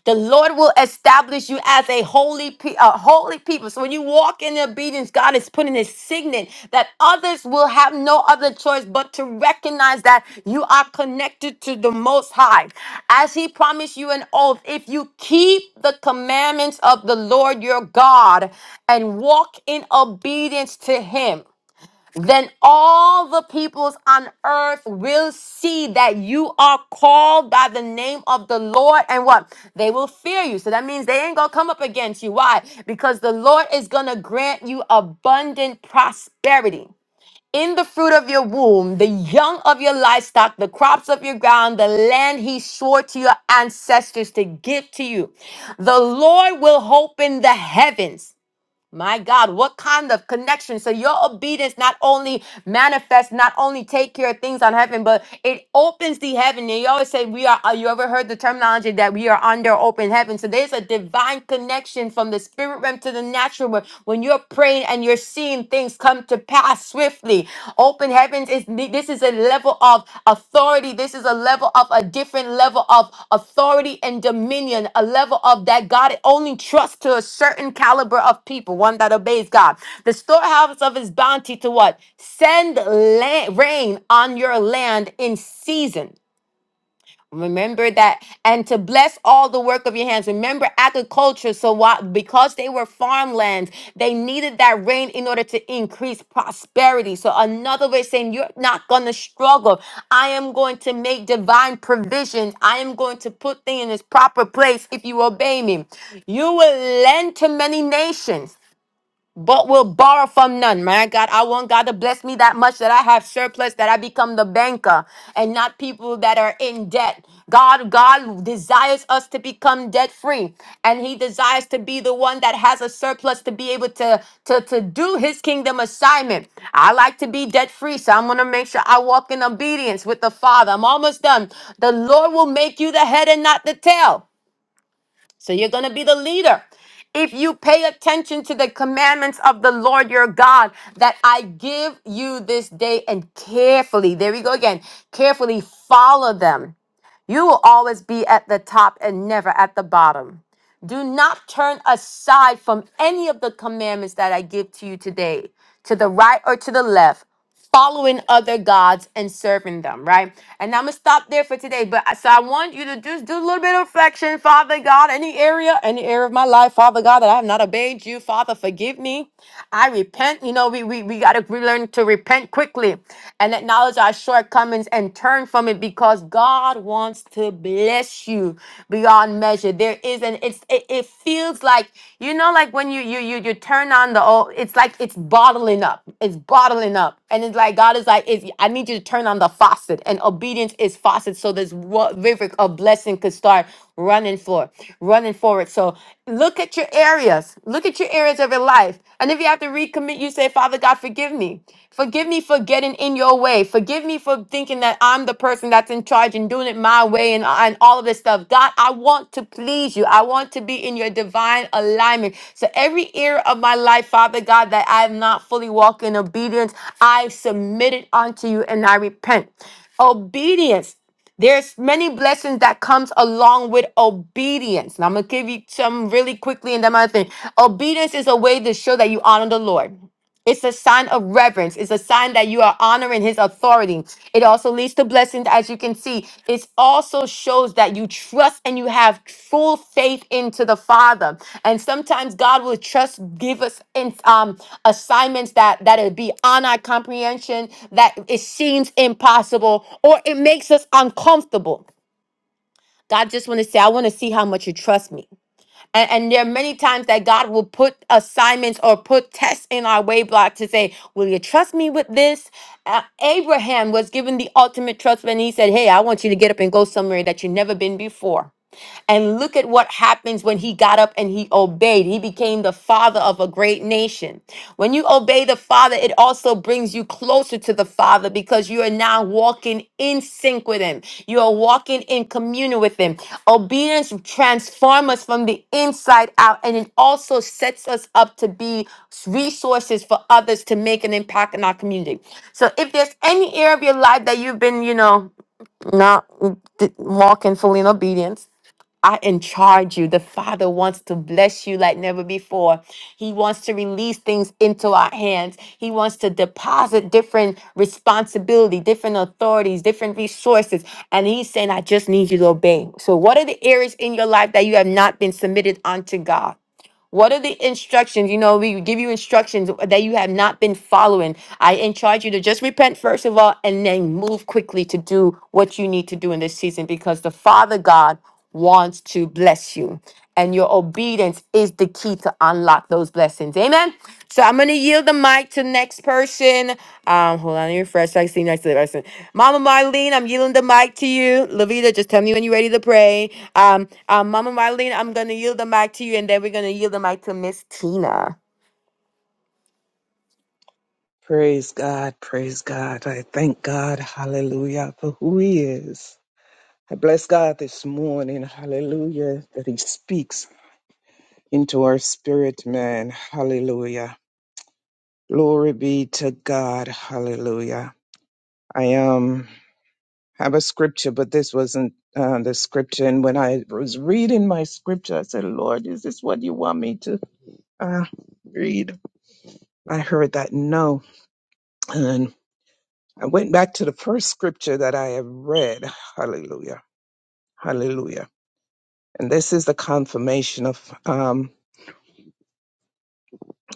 Speaker 1: The Lord will establish you as a holy, pe- a holy people. So when you walk in obedience, God is putting a signet that others will have no other choice but to recognize that you are connected to the Most High. As He promised you an oath, if you keep the commandments of the Lord your God and walk in obedience to Him then all the peoples on earth will see that you are called by the name of the Lord and what? They will fear you. So that means they ain't gonna come up against you. Why? Because the Lord is gonna grant you abundant prosperity. In the fruit of your womb, the young of your livestock, the crops of your ground, the land he swore to your ancestors to give to you. The Lord will open the heavens my God, what kind of connection? So your obedience not only manifests, not only take care of things on heaven, but it opens the heaven. And you always say we are. uh, You ever heard the terminology that we are under open heaven? So there's a divine connection from the spirit realm to the natural realm. When you're praying and you're seeing things come to pass swiftly, Open heavens is this is a level of authority. This is a level of a different level of authority and dominion, a level of that God only trusts to a certain caliber of people, one that obeys God. The storehouse of his bounty to what? Send la- rain on your land in season. Remember that, and to bless all the work of your hands. Remember agriculture. So, while, because they were farmlands, they needed that rain in order to increase prosperity. So, another way of saying, You're not going to struggle. I am going to make divine provisions. I am going to put things in its proper place if you obey me. You will lend to many nations but will borrow from none. My God, I want God to bless me that much that I have surplus, that I become the banker and not people that are in debt. God, God desires us to become debt free, and He desires to be the one that has a surplus to be able to, to, to do His kingdom assignment. I like to be debt free, so I'm going to make sure I walk in obedience with the Father. I'm almost done. The Lord will make you the head and not the tail. So you're going to be the leader. If you pay attention to the commandments of the Lord your God that I give you this day and carefully, there we go again, carefully follow them. You will always be at the top and never at the bottom. Do not turn aside from any of the commandments that I give to you today, to the right or to the left, following other gods and serving them, right? And I'm gonna stop there for today. But I- so I want you to just do a little bit of reflection, Father God, any area, any area of my life, Father God, that I have not obeyed you, Father, forgive me. I repent. You know, we we, we got to learn to repent quickly and acknowledge our shortcomings and turn from it because God wants to bless you beyond measure. There is an it's it, it feels like you know like when you you you you turn on the oh it's like it's bottling up. It's bottling up. And it's like God is like it's, I need you to turn on the faucet and obedience is faucet so this wa- river of blessing could start running for, running forward. So look at your areas. Look at your areas of your life. And if you have to recommit, you say, Father God, forgive me. Forgive me for getting in your way. Forgive me for thinking that I'm the person that's in charge and doing it my way and, and all of this stuff. God, I want to please you. I want to be in your divine alignment. So every area of my life, Father God, that I have not fully walked in obedience, I submit it unto you and I repent. Obedience there's many blessings that comes along with obedience. And I'm gonna give you some really quickly and then my thing. Obedience is a way to show that you honor the Lord. It's a sign of reverence. It's a sign that you are honoring his authority. It also leads to blessings, as you can see. It also shows that you trust and you have full faith into the Father. And sometimes God will trust, give us in, um, assignments that that it be on our comprehension, that it seems impossible, or it makes us uncomfortable. God just want to say, I want to see how much you trust me. And, and there are many times that God will put assignments or put tests in our way block to say, Will you trust me with this? Uh, Abraham was given the ultimate trust when he said, Hey, I want you to get up and go somewhere that you've never been before. And look at what happens when he got up and he obeyed. He became the father of a great nation. When you obey the father, it also brings you closer to the father because you are now walking in sync with him. You are walking in communion with him. Obedience transforms us from the inside out and it also sets us up to be resources for others to make an impact in our community. So if there's any area of your life that you've been, you know, not mm, d- walking fully in obedience, I in you. The Father wants to bless you like never before. He wants to release things into our hands. He wants to deposit different responsibility, different authorities, different resources. And he's saying, I just need you to obey. So what are the areas in your life that you have not been submitted unto God? What are the instructions? You know, we give you instructions that you have not been following. I encourage you to just repent, first of all, and then move quickly to do what you need to do in this season because the Father God wants to bless you. And your obedience is the key to unlock those blessings. Amen. So I'm gonna yield the mic to the next person. Um, hold on, let me refresh. I see next to the person. Mama Marlene, I'm yielding the mic to you. Lavita, just tell me when you're ready to pray. Um, um, Mama Marlene, I'm gonna yield the mic to you, and then we're gonna yield the mic to Miss Tina.
Speaker 3: Praise God, praise God. I thank God, hallelujah, for who He is. I bless God this morning, hallelujah, that He speaks into our spirit, man, hallelujah. Glory be to God, hallelujah. I um have a scripture, but this wasn't uh, the scripture. And when I was reading my scripture, I said, Lord, is this what you want me to uh, read? I heard that no. I went back to the first scripture that I have read. Hallelujah. Hallelujah. And this is the confirmation of um,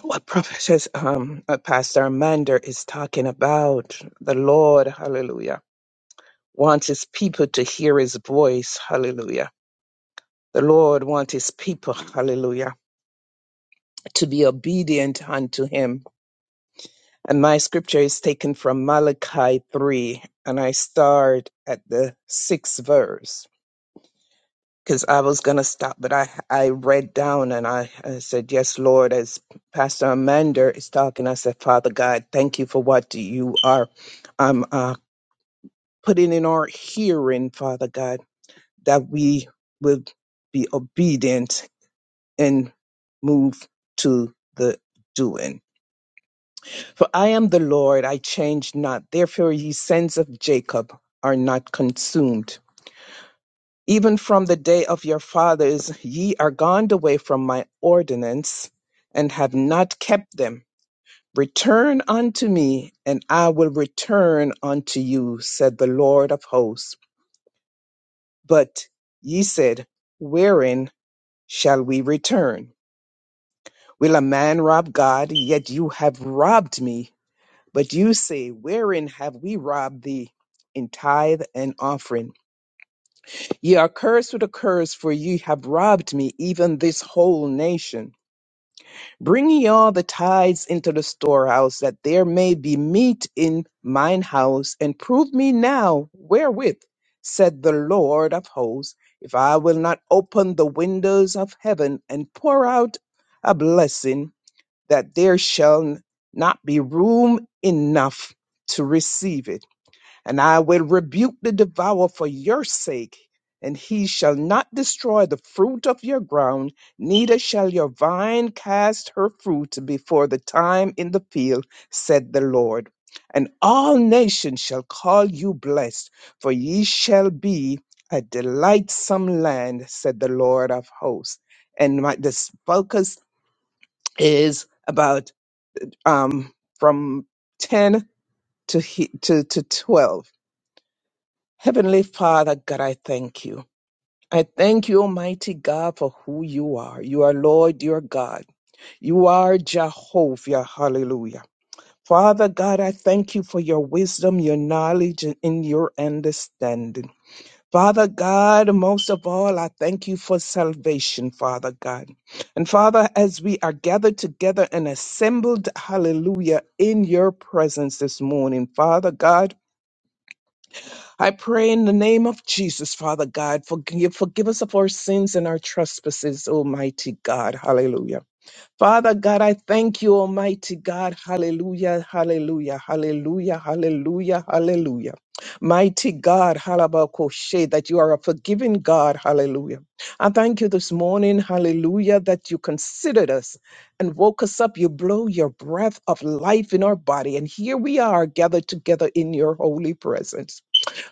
Speaker 3: what Prophet, um, uh, Pastor Amanda is talking about. The Lord, hallelujah, wants his people to hear his voice. Hallelujah. The Lord wants his people, hallelujah, to be obedient unto him. And my scripture is taken from Malachi 3, and I start at the sixth verse. because I was gonna stop, but I I read down and I, I said, "Yes, Lord." As Pastor Amanda is talking, I said, "Father God, thank you for what you are um uh, putting in our hearing, Father God, that we will be obedient and move to the doing. For I am the Lord; I change not. Therefore, ye sons of Jacob are not consumed." Even from the day of your fathers ye are gone away from my ordinance, and have not kept them. Return unto me, and I will return unto you, said the Lord of hosts. But ye said, Wherein shall we return? Will a man rob God? Yet you have robbed me. But you say, Wherein have we robbed thee? In tithe and offering. Ye are cursed with a curse, for ye have robbed me, even this whole nation. Bring ye all the tithes into the storehouse, that there may be meat in mine house, and prove me now wherewith, said the Lord of hosts, if I will not open the windows of heaven and pour out a blessing, that there shall not be room enough to receive it. And I will rebuke the devourer for your sake, and he shall not destroy the fruit of your ground, neither shall your vine cast her fruit before the time in the field, said the Lord. And all nations shall call you blessed, for ye shall be a delightsome land, said the Lord of hosts. And my, this focus is about um, from 10 to, he, to, to 12 Heavenly Father, God, I thank you. I thank you, Almighty God, for who you are. You are Lord, you are God. You are Jehovah. Hallelujah. Father God, I thank you for your wisdom, your knowledge, and your understanding. Father God, most of all, I thank you for salvation, Father God. And Father, as we are gathered together and assembled, hallelujah, in your presence this morning, Father God. I pray in the name of Jesus, Father God, forgive, forgive us of our sins and our trespasses, Almighty God. Hallelujah. Father God, I thank you, Almighty God. Hallelujah, hallelujah, hallelujah, hallelujah, hallelujah. Mighty God, halabakoshe, that you are a forgiving God. Hallelujah. I thank you this morning, hallelujah, that you considered us and woke us up. You blow your breath of life in our body. And here we are gathered together in your holy presence.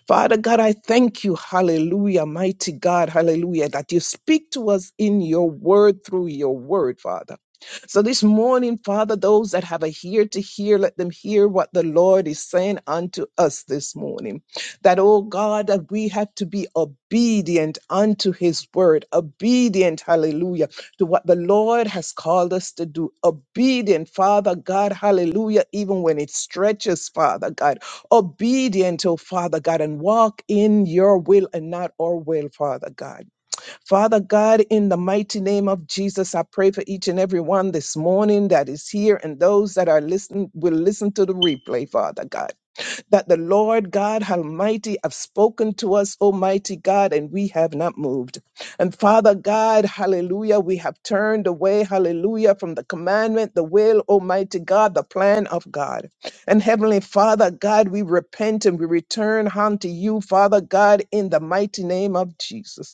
Speaker 3: Father God, I thank you, hallelujah, mighty God, hallelujah, that you speak to us in your word through your word, Father. So this morning, Father, those that have a ear to hear, let them hear what the Lord is saying unto us this morning. That, oh God, that we have to be obedient unto his word, obedient, hallelujah, to what the Lord has called us to do. Obedient, Father God, hallelujah, even when it stretches, Father God. Obedient, oh Father God, and walk in your will and not our will, Father God. Father God, in the mighty name of Jesus, I pray for each and every one this morning that is here and those that are listening will listen to the replay, Father God that the Lord God Almighty have spoken to us, Almighty God, and we have not moved. And Father God, hallelujah, we have turned away, hallelujah, from the commandment, the will, Almighty God, the plan of God. And Heavenly Father God, we repent and we return unto you, Father God, in the mighty name of Jesus.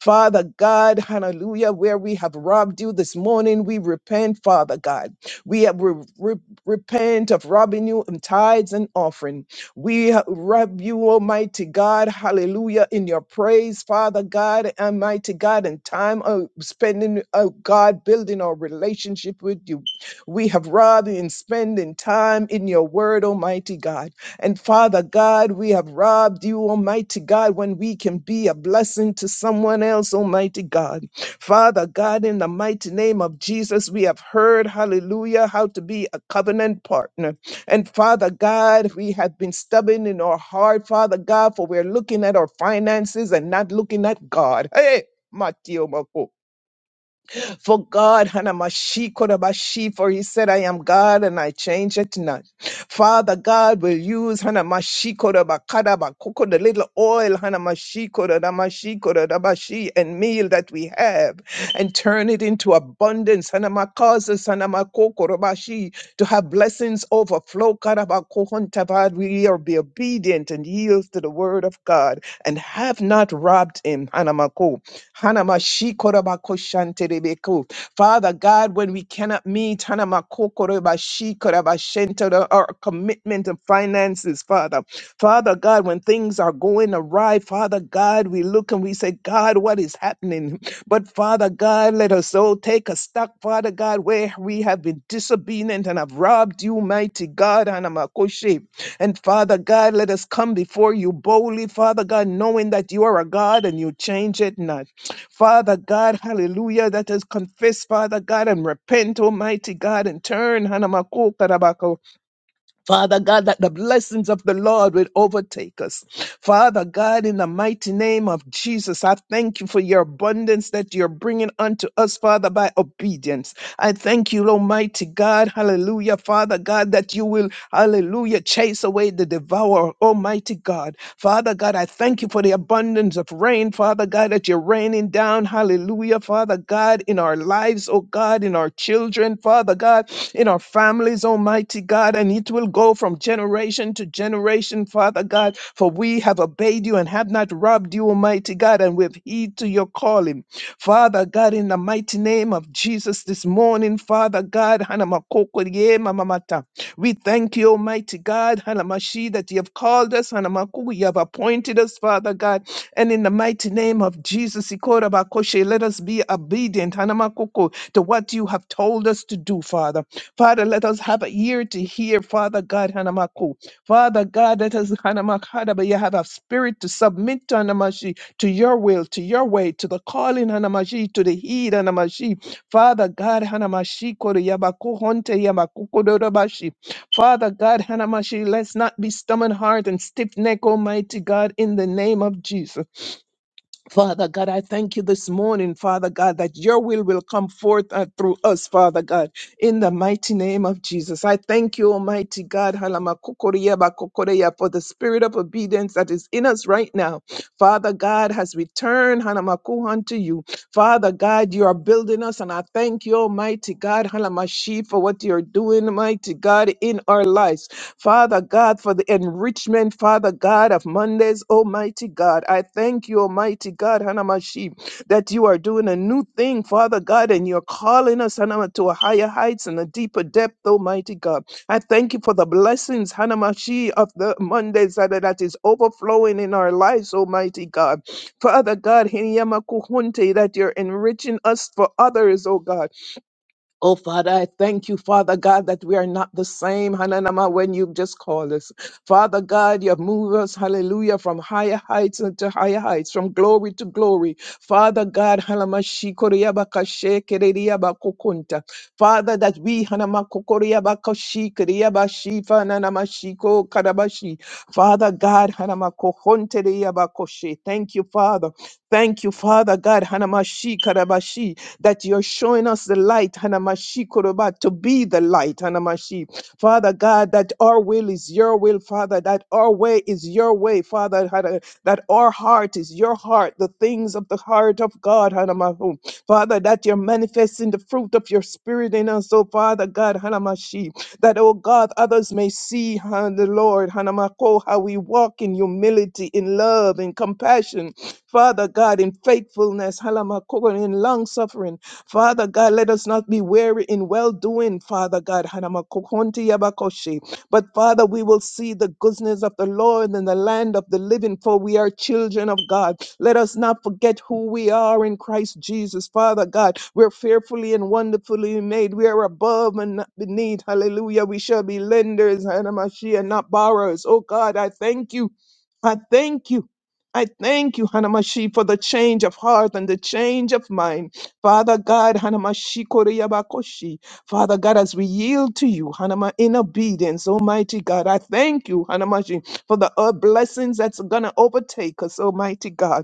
Speaker 3: Father God, hallelujah, where we have robbed you this morning, we repent, Father God. We have re- re- repent of robbing you in tithes and offering. We ha- rob you, Almighty God, hallelujah, in your praise, Father God, Almighty God, and time of spending, oh God, building our relationship with you. We have robbed you in spending time in your word, Almighty God. And Father God, we have robbed you, Almighty God, when we can be a blessing to someone else, Almighty God. Father God, in the mighty name of Jesus, we have heard, hallelujah, how to be a covenant partner. And Father God, we have been stubborn in our heart, Father God, for we're looking at our finances and not looking at God. Hey! Matthew for God, Hanamashi Kodabashi, for he said, I am God and I change it not. Father God will use Hanamashi Kodabakadaba Koko, the little oil, Hanamashi Kodamashi Kodabashi, and meal that we have and turn it into abundance. Hanama causes Hanama Kokorabashi to have blessings overflow. Karabakohontavad. We are be obedient and yield to the word of God and have not robbed him. Hanamako. Hanamashikorabakoshantelebeku. Father God, when we cannot meet Hanamakokorobashikorobashento, our commitment of finances, Father. Father God, when things are going awry, Father God, we look and we say, God, what is happening? But Father God, let us all take a stock, Father God, where we have been disobedient and have robbed you, mighty God, Hanamakoshe. And Father God, let us come before you boldly, Father God, knowing that you are a God and you change it not. Father God, hallelujah, that has confessed, Father God, and repent, Almighty God, and turn, Hanamako Father God, that the blessings of the Lord will overtake us. Father God, in the mighty name of Jesus, I thank you for your abundance that you're bringing unto us, Father, by obedience. I thank you, Almighty God, hallelujah, Father God, that you will, hallelujah, chase away the devourer, Almighty God. Father God, I thank you for the abundance of rain, Father God, that you're raining down. Hallelujah, Father God, in our lives, oh God, in our children, Father God, in our families, Almighty God, and it will go from generation to generation, Father God, for we have obeyed you and have not robbed you, Almighty God, and we've heed to your calling. Father God, in the mighty name of Jesus this morning, Father God, Hanamakoko Mama Mamata. We thank you, Almighty God, Hanamashi, that you have called us, Hanamaku, you have appointed us, Father God. And in the mighty name of Jesus, Ikorabakoshe, let us be obedient, Hanamakuku, to what you have told us to do, Father. Father, let us have an ear to hear, Father God, Hanamaku. Father God, let us, Hanamakadabaya, have a spirit to submit to Hanamashi, to your will, to your way, to the calling, Hanamashi, to the heed, Hanamashi. Father God, Hanamashi, Koryabako, Honte, Yamakuko, Father God, Hanamashi, let's not be stubborn heart and stiff neck, Almighty God, in the name of Jesus. Father God, I thank you this morning, Father God, that your will will come forth uh, through us, Father God, in the mighty name of Jesus. I thank you, Almighty God, Halamakokoria bakokoreya, for the spirit of obedience that is in us right now. Father God has returned, Hanamaku, unto you. Father God, you are building us, and I thank you, Almighty God, Halamashi, for what you're doing, mighty God, in our lives. Father God, for the enrichment, Father God, of Mondays, Almighty God. I thank you, Almighty God, Hanamashi, that you are doing a new thing, Father God, and you're calling us, Hanama, to a higher heights and a deeper depth, Almighty God. I thank you for the blessings, Hanamashi, of the Mondays that, that is overflowing in our lives, Almighty God. Father God, Hineyama kuhunte, that you're enriching us for others, oh God. Oh, Father, I thank you, Father God, that we are not the same, Hananama, when you just called us. Father God, you have moved us, hallelujah, from higher heights unto higher heights, from glory to glory. Father God, Hanama shikoriaba kashe kereriaba kokunta. Father, that we, Hanama kokoriaba kashi keriaba shifa nanama shiko karabashi. Father God, Hanama kohonte riaba koshe. Thank you, Father. Thank you, Father God, Hanamashi Karabashi, that you're showing us the light, Hanamashi Koroba, to be the light, Hanamashi. Father God, that our will is your will, Father, that our way is your way, Father, Hana- that our heart is your heart, the things of the heart of God, Hanamahu. Father, that you're manifesting the fruit of your spirit in us, oh Father God, Hanamashi, that, oh God, others may see, huh, the Lord, Hanamako, how we walk in humility, in love, in compassion, Father God, in faithfulness, Hanamako, in long suffering. Father God, let us not be weary in well doing, Father God, but Father, we will see the goodness of the Lord in the land of the living, for we are children of God. Let us not forget who we are in Christ Jesus. Father God, we're fearfully and wonderfully made. We are above and not beneath. Hallelujah. We shall be lenders, Hanamashia, not borrowers. Oh God, I thank you. I thank you. I thank you, Hanamashi, for the change of heart and the change of mind. Father God, Hanamashi Koreyabakoshi. Father God, as we yield to you, Hanama, in obedience, Almighty God, I thank you, Hanamashi, for the uh, blessings that's going to overtake us, Almighty God.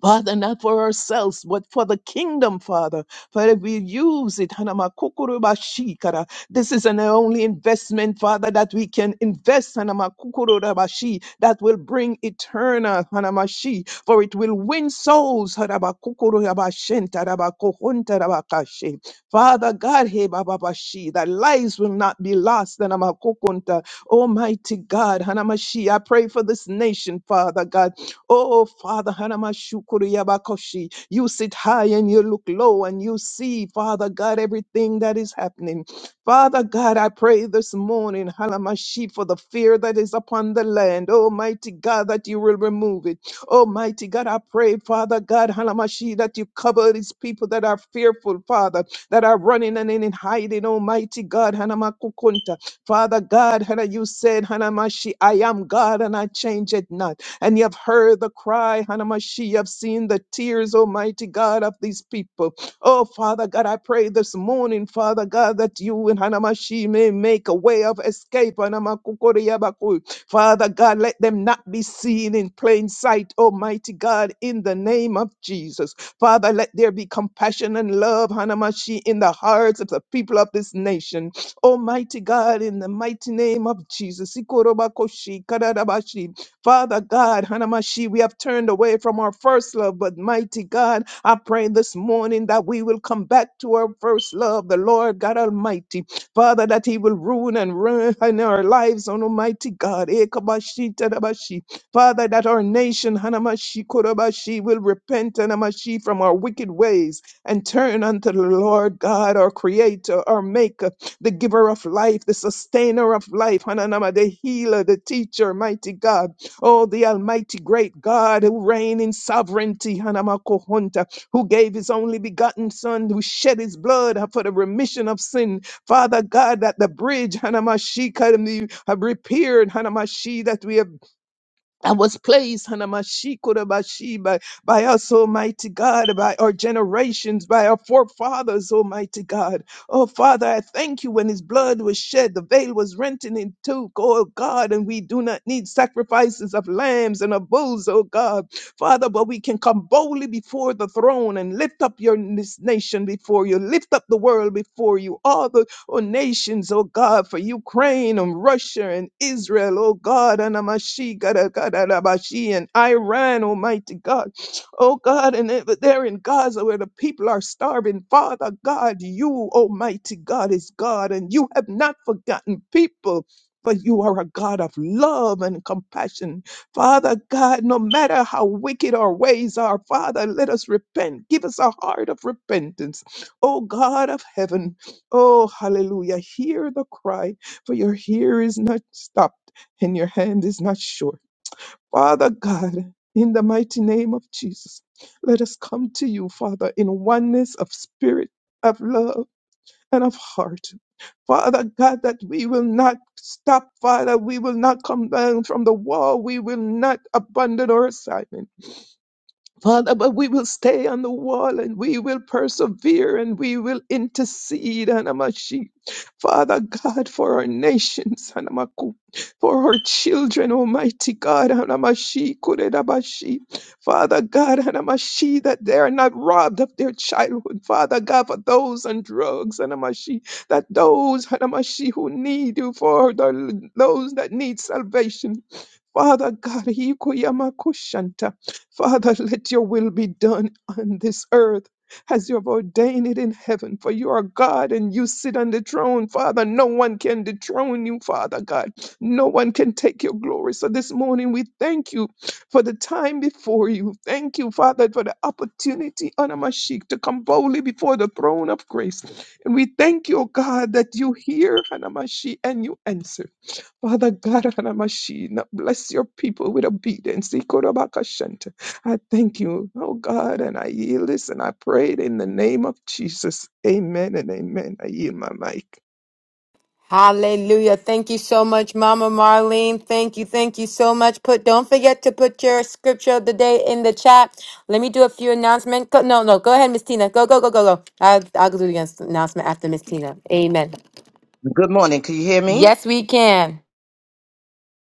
Speaker 3: Father, not for ourselves, but for the kingdom, Father. Father, we use it. Hanamakukurubashikara. This is an only investment, Father, that we can invest, Hanamakukurubashi, that will bring eternal, Hanamashi, for it will win souls. Hanabakukurubashentarabakukun-tarabakashi. Father God, Hebababashi, that lives will not be lost. Hanamakukunta. Almighty God, Hanamashi, I pray for this nation, Father God. Oh, Father, Hanamashukuri Yabakoshi, you sit high and you look low and you see, Father God, everything that is happening. Father God, I pray this morning, Halamashi, for the fear that is upon the land. Almighty God, that you will remove it. Almighty God, I pray, Father God, Halamashi, that you cover these people that are fearful, Father, that are running and in hiding. Almighty God, Hanamakukunta. Father God, Hana, you said, Hanamashi, I am God and I change it not and you have heard the cry, Hanamashi. You have seen the tears, Almighty God, of these people. Oh, Father God, I pray this morning, Father God, that you and Hanamashi may make a way of escape. Hanamakukoreyabaku. Father God, let them not be seen in plain sight, Almighty God, in the name of Jesus. Father, let there be compassion and love, Hanamashi, in the hearts of the people of this nation. Almighty God, in the mighty name of Jesus. Ikorobakoshi, Karadabashi. Father God, Hanamashi, we have turned away from our first love, but mighty God, I pray this morning that we will come back to our first love, the Lord God Almighty. Father, that He will ruin and ruin in our lives, on Almighty God. Ekabashi, Tadabashi. Father, that our nation, Hanamashi, Kodabashi, will repent, Hanamashi, from our wicked ways and turn unto the Lord God, our Creator, our Maker, the giver of life, the sustainer of life, Hananama, the healer, the teacher, mighty God. Oh, the Almighty great God who reign in sovereignty, Hanamakohunta, who gave his only begotten Son, who shed his blood for the remission of sin. Father God, that the bridge, Hanamashi, can be repaired, Hanamashi, that we have I was placed Hanamashikorabashi, by, by us, Almighty God, by our generations, by our forefathers, Almighty God. Oh, Father, I thank you when his blood was shed, the veil was rent and in two, oh God, and we do not need sacrifices of lambs and of bulls, oh God. Father, but we can come boldly before the throne and lift up your this nation before you, lift up the world before you, all the oh nations, oh God, for Ukraine and Russia and Israel, oh God, Anamashi, Gadagadabashi, and Iran, Almighty God, oh God, and over there in Gaza where the people are starving, Father God, you, Almighty God, is God, and you have not forgotten people. For you are a God of love and compassion. Father God, no matter how wicked our ways are, Father, let us repent. Give us a heart of repentance. Oh God of heaven, Oh, hallelujah. Hear the cry, for your ear is not stopped and your hand is not short. Father God, in the mighty name of Jesus, let us come to you, Father, in oneness of spirit, of love, and of heart. Father God, that we will not stop, Father. We will not come down from the wall. We will not abandon our assignment. Father, but we will stay on the wall and we will persevere and we will intercede, Anamashi. Father God, for our nations, Anamaku, for our children, Almighty God, Anamashi, Kuredabashi. Father God, Anamashi, that they are not robbed of their childhood. Father God, for those on drugs, Anamashi, that those, Anamashi, who need you, for the, those that need salvation. Father God, Hikuyamakushanta. Father, let your will be done on this earth as you have ordained it in heaven. For you are God and you sit on the throne, Father. No one can dethrone you, Father God. No one can take your glory. So this morning we thank you for the time before you. Thank you, Father, for the opportunity, Anamashik, to come boldly before the throne of grace. And we thank you, O God, that you hear, Anamashi, and you answer. Father God, Hanamashina, bless your people with obedience. Ikorobakashanta. I thank you, oh God, and I yield this and I pray it in the name of Jesus. Amen and amen. I yield my mic.
Speaker 1: Hallelujah. Thank you so much, Mama Marlene. Thank you. Thank you so much. Put don't forget to put your scripture of the day in the chat. Let me do a few announcements. Go, no, no, go ahead, Miss Tina. Go, go, go, go, go. I'll, I'll do the announcement after Miss Tina. Amen.
Speaker 4: Good morning. Can you hear me?
Speaker 1: Yes, we can.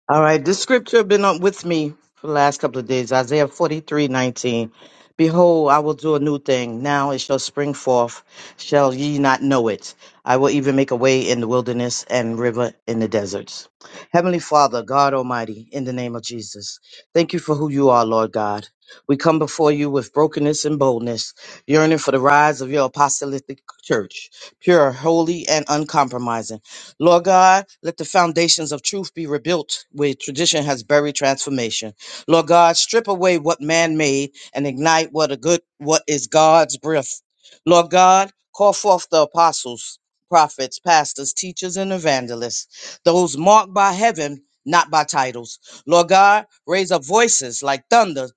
Speaker 4: All right. This scripture been up with me for the last couple of days. Isaiah forty three nineteen. Behold, I will do a new thing. Now it shall spring forth. Shall ye not know it? I will even make a way in the wilderness and river in the deserts. Heavenly Father, God Almighty, in the name of Jesus, thank you for who you are, Lord God. We come before you with brokenness and boldness, yearning for the rise of your apostolic church, pure, holy, and uncompromising. Lord God, let the foundations of truth be rebuilt where tradition has buried transformation. Lord God, strip away what man made and ignite what a good what is God's breath. Lord God, call forth the apostles, prophets, pastors, teachers, and evangelists, those marked by heaven, not by titles. Lord God, raise up voices like thunder,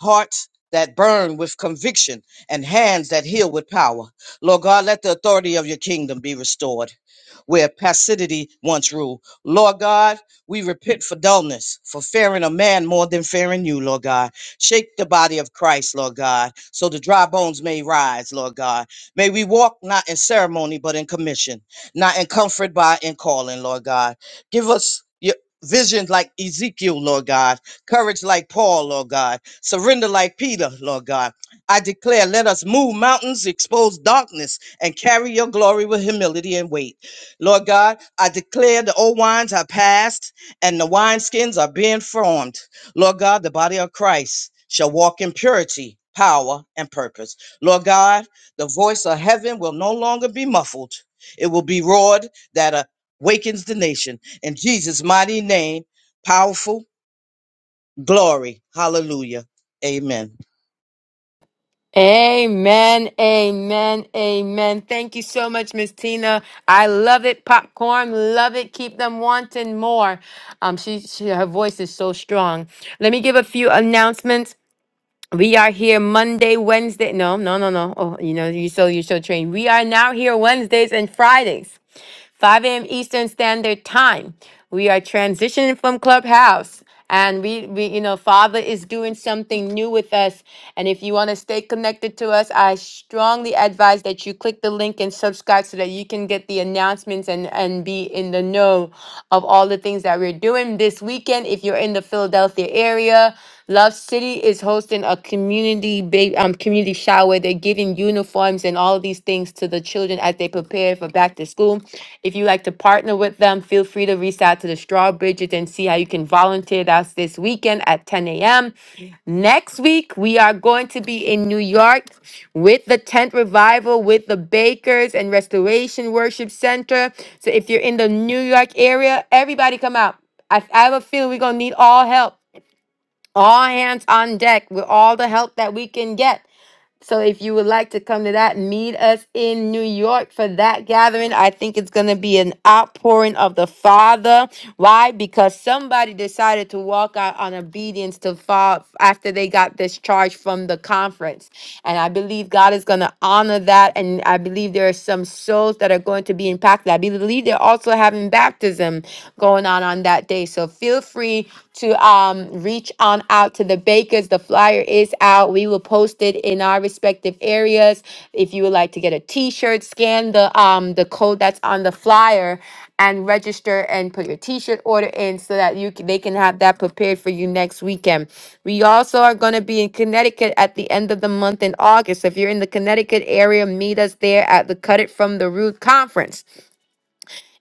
Speaker 4: hearts that burn with conviction, and hands that heal with power. Lord God, let the authority of your kingdom be restored where passivity once ruled. Lord God, we repent for dullness, for fearing a man more than fearing you, Lord God. Shake the body of Christ, Lord God, so the dry bones may rise, Lord God. May we walk not in ceremony, but in commission, not in comfort, but in calling, Lord God. Give us your vision like Ezekiel, Lord God, courage like Paul, Lord God, surrender like Peter, Lord God. I declare, let us move mountains, expose darkness, and carry your glory with humility and weight. Lord God, I declare the old wines are past and the wineskins are being formed. Lord God, the body of Christ shall walk in purity, power, and purpose. Lord God, the voice of heaven will no longer be muffled, it will be roared that awakens the nation. In Jesus' mighty name, powerful glory. Hallelujah. Amen.
Speaker 1: Amen, amen, amen. Thank you so much, Miss Tina. I love it. Popcorn, love it. Keep them wanting more. Um, she, she her voice is so strong. Let me give a few announcements. We are here Monday, Wednesday. No, no, no, no. Oh, you know, you so you so trained. We are now here Wednesdays and Fridays. 5 a.m. Eastern Standard Time. We are transitioning from Clubhouse. And we, we, you know, Father is doing something new with us. And if you want to stay connected to us, I strongly advise that you click the link and subscribe so that you can get the announcements and, and be in the know of all the things that we're doing this weekend. If you're in the Philadelphia area, Love City is hosting a community ba- um community shower. They're giving uniforms and all of these things to the children as they prepare for back to school. If you like to partner with them, feel free to reach out to the Straw Bridget and see how you can volunteer. with us this weekend at 10 a.m. Next week, we are going to be in New York with the Tent Revival, with the Bakers and Restoration Worship Center. So if you're in the New York area, everybody come out. I, I have a feeling we're going to need all help, all hands on deck with all the help that we can get. So if you would like to come to that, meet us in New York for that gathering. I think it's going to be an outpouring of the Father. Why? Because somebody decided to walk out on obedience to fall after they got discharged from the conference. And I believe God is going to honor that. And I believe there are some souls that are going to be impacted. I believe they're also having baptism going on on that day. So feel free to um, reach on out to the bakers. The flyer is out. We will post it in our respective areas. If you would like to get the t-shirt scan the um the code that's on the flyer and register and put your t-shirt order in so that you c- they can have that prepared for you next weekend we also are going to be in connecticut at the end of the month in august if you're in the connecticut area meet us there at the cut it from the root conference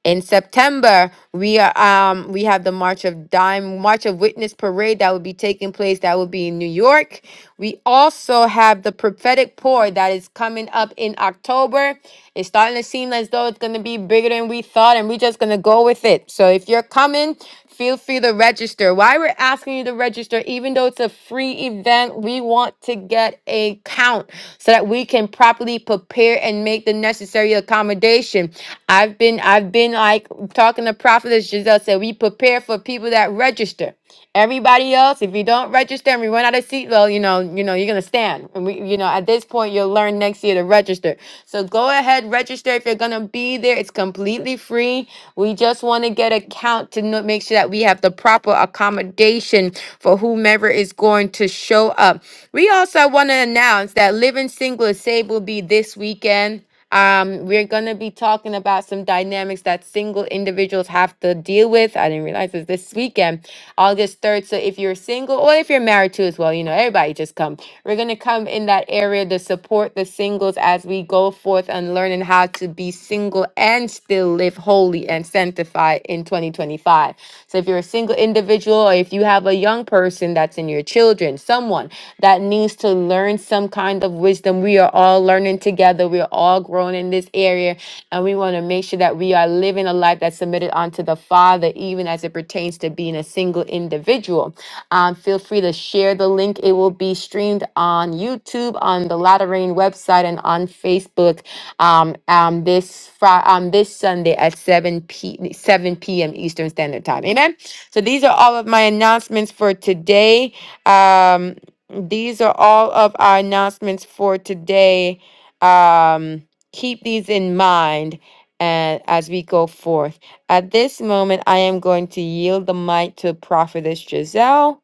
Speaker 1: in september we are um we have the march of dime march of witness parade that will be taking place that will be in new york we also have the prophetic pour that is coming up in october it's starting to seem as though it's going to be bigger than we thought, and we're just going to go with it. So if you're coming, feel free to register. Why we're asking you to register, even though it's a free event, we want to get a count so that we can properly prepare and make the necessary accommodation. I've been I've been like talking to Prophetess Giselle said we prepare for people that register. Everybody else, if you don't register and we run out of seats, well, you know, you know, you're gonna stand. And we, you know, at this point, you'll learn next year to register. So go ahead, register if you're gonna be there. It's completely free. We just want to get a count to know, make sure that we have the proper accommodation for whomever is going to show up. We also want to announce that Living Single is Saved will be this weekend. Um, we're going to be talking about some dynamics that single individuals have to deal with. I didn't realize it's this weekend, August 3rd. So if you're single or if you're married too as well, you know, everybody just come. We're going to come in that area to support the singles as we go forth and learning how to be single and still live holy and sanctified in 2025. So if you're a single individual or if if you have a young person that's in your children, someone that needs to learn some kind of wisdom, we are all learning together. We are all growing in this area. And we want to make sure that we are living a life that's submitted unto the Father, even as it pertains to being a single individual. Um, feel free to share the link. It will be streamed on YouTube, on the Latter Rain website, and on Facebook um, um, this Friday, um, this Sunday at 7 p 7 p.m. Eastern Standard Time. Amen. So these are all of my announcements for today. Um, these are all of our announcements for today. Um, keep these in mind and as we go forth. At this moment, I am going to yield the mic to Prophetess Giselle,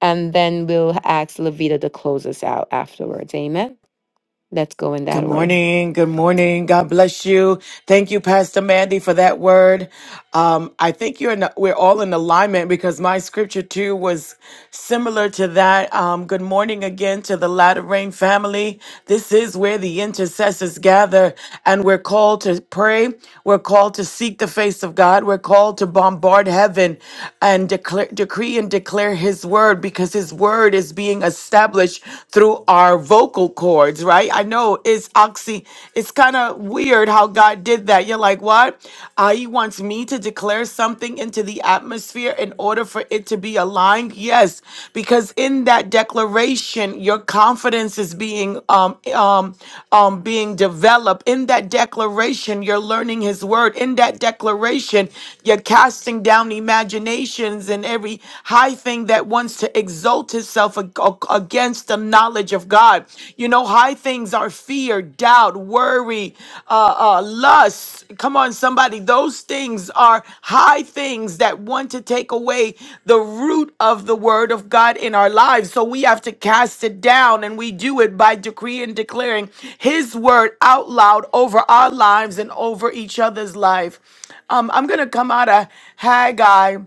Speaker 1: and then we'll ask Levita to close us out afterwards. Amen. Let's go in
Speaker 5: Good
Speaker 1: that order.
Speaker 5: morning. Good morning. God bless you. Thank you, Pastor Mandy, for that word. Um, I think you're in, we're all in alignment because my scripture too was similar to that. Um, good morning again to the Latter Rain family. This is where the intercessors gather, and we're called to pray. We're called to seek the face of God. We're called to bombard heaven and declare, decree and declare His word because His word is being established through our vocal cords, right? I know it's oxy, it's kind of weird how God did that. You're like, what? Uh, he wants me to declare something into the atmosphere in order for it to be aligned. Yes, because in that declaration, your confidence is being um um um being developed. In that declaration, you're learning his word. In that declaration, you're casting down imaginations and every high thing that wants to seeks to exalt itself ag- ag- against the knowledge of God. You know, high things are fear, doubt, worry, uh, uh, lust. Come on, somebody. Those things are high things that want to take away the root of the word of God in our lives. So we have to cast it down, and we do it by decree and declaring His word out loud over our lives and over each other's life. Um, I'm going to come out of Haggai.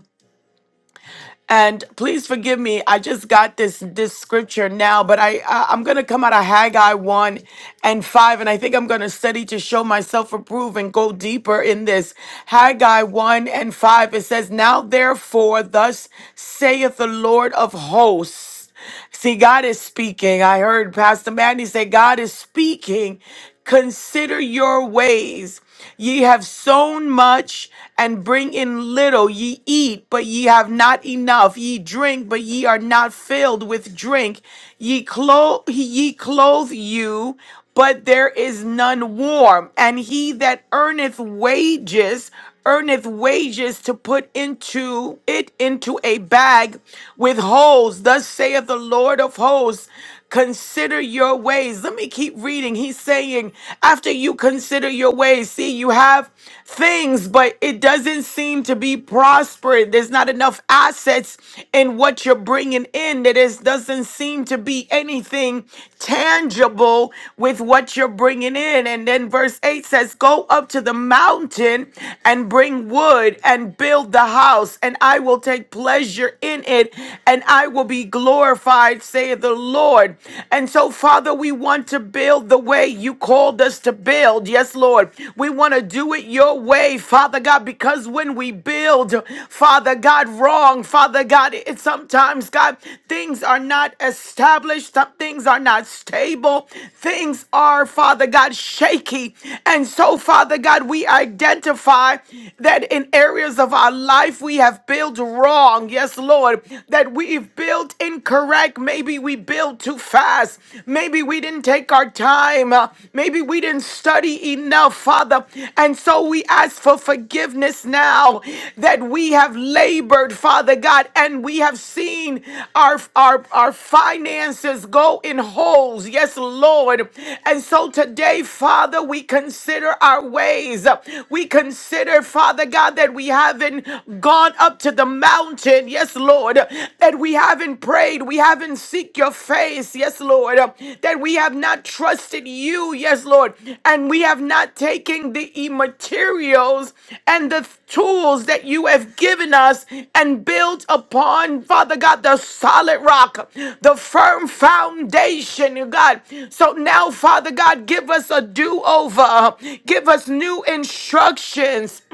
Speaker 5: And please forgive me. I just got this this scripture now, but I, I I'm gonna come out of Haggai one and five, and I think I'm gonna study to show myself approved and go deeper in this. Haggai one and five. It says, "Now therefore, thus saith the Lord of hosts." Yes. See, God is speaking. I heard Pastor Mandy say, God is speaking. Consider your ways. Ye have sown much and bring in little. Ye eat, but ye have not enough. Ye drink, but ye are not filled with drink. Ye clothe, ye clothe you but there is none warm. And he that earneth wages, earneth wages to put into it into a bag with holes. Thus saith the Lord of hosts, consider your ways. Let me keep reading. He's saying, after you consider your ways, see, you have things, but it doesn't seem to be prospering. There's not enough assets in what you're bringing in. There is, doesn't seem to be anything tangible with what you're bringing in. And then verse 8 says, Go up to the mountain and bring wood and build the house, and I will take pleasure in it, and I will be glorified, saith the Lord. And so, Father, we want to build the way you called us to build. Yes, Lord. We want to do it your way, Father God, because when we build, Father God, wrong, Father God, it sometimes, God, things are not established, some things are not stable, things are, Father God, shaky. And so, Father God, we identify that in areas of our life we have built wrong. Yes, Lord, that we've built incorrect. Maybe we we build too fast. Maybe we didn't take our time. Uh, Maybe we didn't study enough, Father. And so we ask for forgiveness now that we have labored, Father God, and we have seen our, our, our finances go in holes. Yes, Lord. And so today, Father, we consider our ways. We consider, Father God, that we haven't gone up to the mountain mountain. Yes, Lord, that we haven't prayed, we haven't seek your face. Yes, Lord, that we have not trusted you. Yes, Lord, and we have not taken the materials and the tools that you have given us and built upon, Father God, the solid rock, the firm foundation, God. So now, Father God, give us a do over, give us new instructions.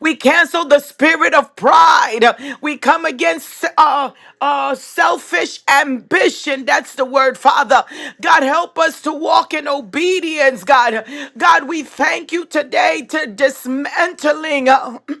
Speaker 5: We cancel the spirit of pride. We come against uh, uh, selfish ambition. That's the word, Father. God, help us to walk in obedience, God. God, we thank you today to dismantling. uh,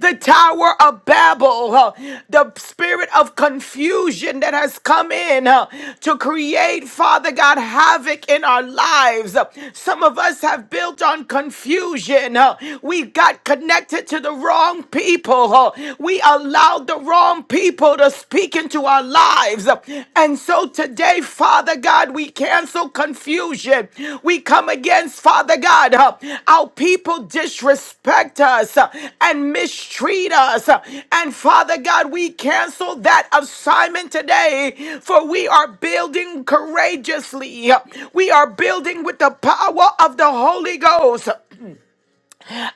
Speaker 5: the Tower of Babel, uh, the spirit of confusion that has come in uh, to create, Father God, havoc in our lives. Uh, Some of us have built on confusion. uh, We got connected to the wrong people. uh, We allowed the wrong people to speak into our lives. Uh, And so so today, Father God, we cancel confusion. We come against, Father God, uh, our people disrespect us uh, and mistreat us. uh, And Father God, we cancel that assignment today, for we are building courageously. uh, We are building with the power of the Holy Ghost.